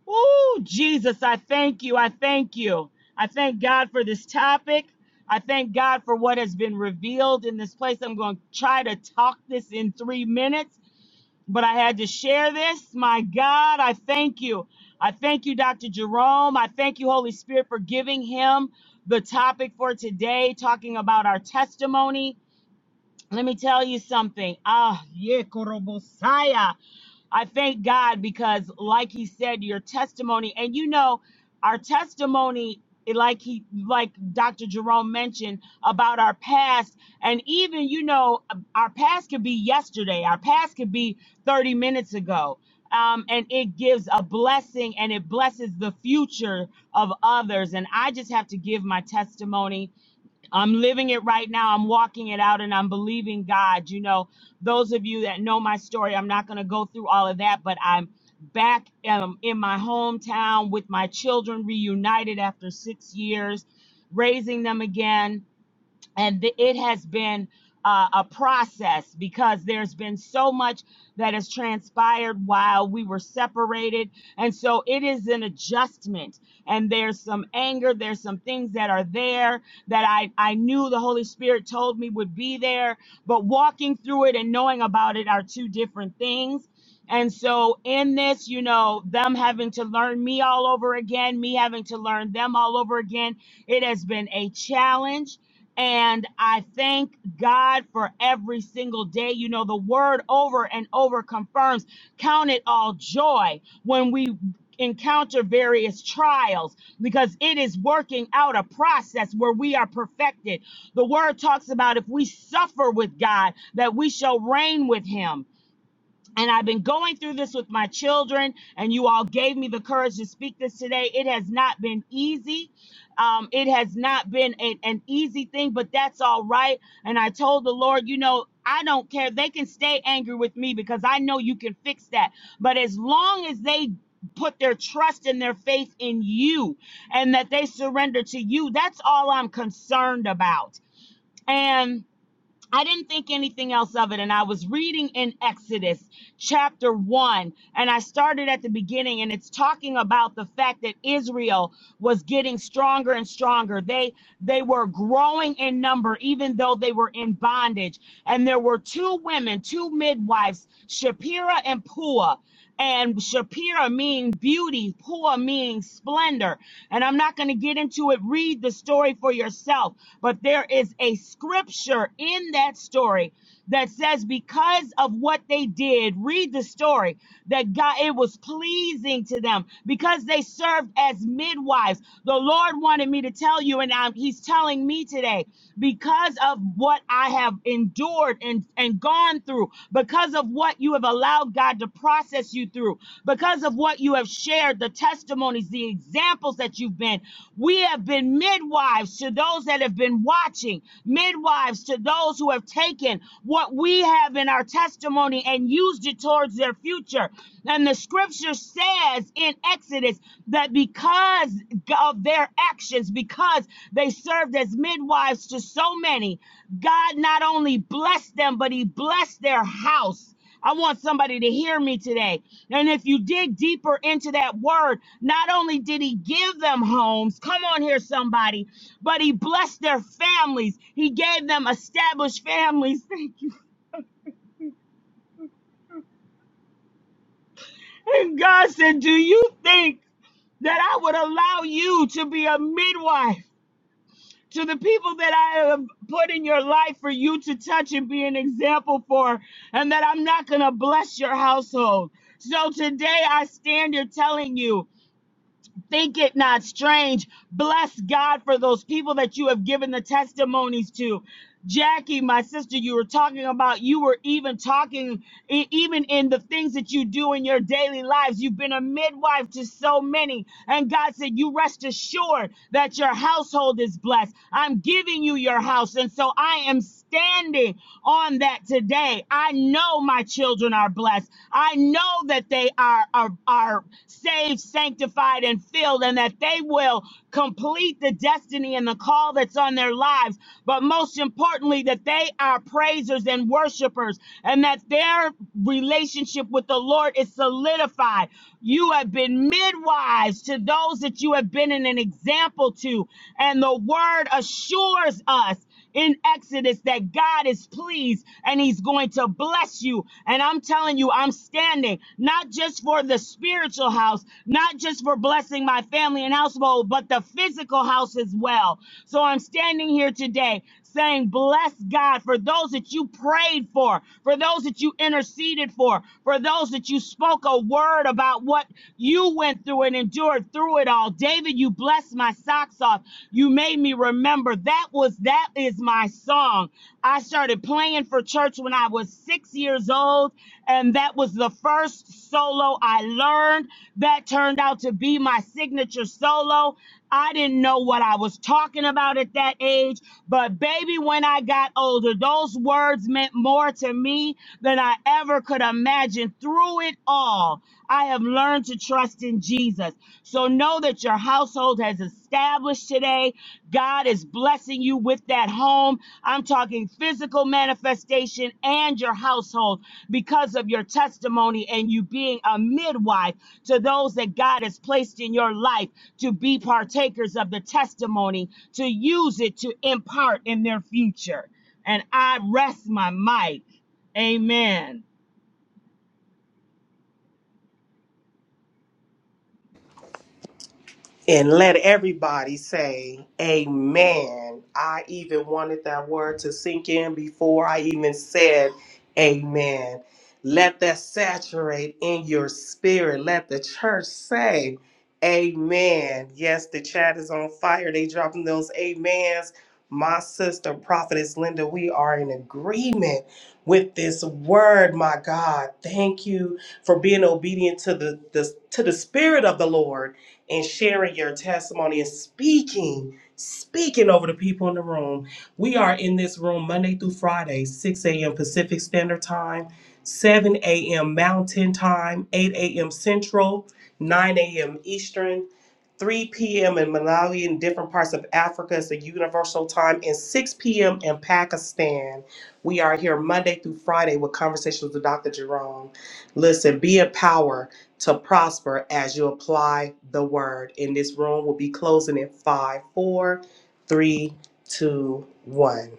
Speaker 13: Oh, Jesus, I thank you. I thank you. I thank God for this topic. I thank God for what has been revealed in this place. I'm going to try to talk this in three minutes, but I had to share this. My God, I thank you. I thank you, Dr. Jerome. I thank you, Holy Spirit, for giving him the topic for today, talking about our testimony. Let me tell you something. Ah, yeah, Korobosaya. I thank God because, like he said, your testimony, and you know, our testimony, like he, like Dr. Jerome mentioned about our past, and even, you know, our past could be yesterday, our past could be 30 minutes ago. Um, and it gives a blessing and it blesses the future of others. And I just have to give my testimony I'm living it right now. I'm walking it out and I'm believing God. You know, those of you that know my story, I'm not going to go through all of that, but I'm back um, in my hometown with my children reunited after six years, raising them again and th- it has been uh, a process because there's been so much that has transpired while we were separated and so it is an adjustment and there's some anger there's some things that are there that i i knew the holy spirit told me would be there but walking through it and knowing about it are two different things and so in this you know them having to learn me all over again me having to learn them all over again it has been a challenge and I thank God for every single day. You know, the word over and over confirms count it all joy when we encounter various trials because it is working out a process where we are perfected. The word talks about if we suffer with God, that we shall reign with him and I've been going through this with my children, and you all gave me the courage to speak this today. It has not been easy. Um, it has not been a- an easy thing, but that's all right. And I told the Lord, you know, I don't care. They can stay angry with me because I know you can fix that. But as long as they put their trust and their faith in you and that they surrender to you, that's all I'm concerned about. And I didn't think anything else of it. And I was reading in Exodus chapter one, and I started at the beginning, and it's talking about the fact that Israel was getting stronger and stronger. They they were growing in number, even though they were in bondage. And there were two women, two midwives, Shapira and Pua and Shapira means beauty, poor means splendor. And I'm not going to get into it. Read the story for yourself. But there is a scripture in that story that says because of what they did, read the story, that God, it was pleasing to them because they served as midwives. The Lord wanted me to tell you, and I'm, he's telling calling me today because of what I have endured and, and gone through, because of what you have allowed God to process you through, because of what you have shared, the testimonies, the examples that you've been. We have been midwives to those that have been watching, midwives to those who have taken what we have in our testimony and used it towards their future. And the scripture says in Exodus that because of their actions, because they served as midwives to so many, God not only blessed them, but He blessed their house. I want somebody to hear me today. And if you dig deeper into that word, not only did he give them homes, come on here, somebody, but he blessed their families. He gave them established families. Thank you. And God said, Do you think? that I would allow you to be a midwife to the people that I have put in your life for you to touch and be an example for, and that I'm not going to bless your household. So today I stand here telling you Think it not strange. Bless God for those people that you have given the testimonies to. Jackie, my sister, you were talking about, you were even talking, e- even in the things that you do in your daily lives. You've been a midwife to so many. And God said, You rest assured that your household is blessed. I'm giving you your house. And so I am standing on that today. I know my children are blessed. I know that they are, are, are saved, sanctified, and filled, and that they will complete the destiny and the call that's on their lives. But most importantly, that they are praisers and worshipers, and that their relationship with the Lord is solidified. You have been midwives to those that you have been an example to, and the word assures us in Exodus that God is pleased and he's going to bless you. And I'm telling you, I'm standing not just for the spiritual house, not just for blessing my family and household, but the physical house as well. So I'm standing here today saying, Bless God for those that you prayed for, for those that you interceded for, for those that you spoke a word about what you went through and endured through it all. David, you blessed my socks off. You made me remember. That was, that is my song. I started playing for church when I was six years old, and that was the first solo I learned. That turned out to be my signature solo. I didn't know what I was talking about at that age, but baby, when I got older, those words meant more to me than I ever could imagine. Through it all, I have learned to trust in Jesus. So know that your household has established today. God is blessing you with that that home. I'm talking physical manifestation and your household because of your testimony and you being a midwife to those that God has placed in your life to be partakers of the testimony, to use it to impart in their future. And I rest my mic. Amen.
Speaker 1: And let everybody say, Amen. I even wanted that word to sink in before I even said, Amen. Let that saturate in your spirit. Let the church say, Amen. Yes, the chat is on fire. They dropping those amens. My sister, Prophetess Linda, we are in agreement with this word, my God. Thank you for being obedient to the, the to the spirit of the Lord and sharing your testimony and speaking, speaking over the people in the room. We are in this room Monday through Friday, 6 a.m. Pacific Standard Time, 7 a.m. Mountain Time, 8 a.m. Central, 9 a.m. Eastern. 3 p.m. in Malawi and different parts of Africa is the universal time, and 6 p.m. in Pakistan. We are here Monday through Friday with conversations with Dr. Jerome. Listen, be empowered to prosper as you apply the word. And this room will be closing in five, four, three, two, one.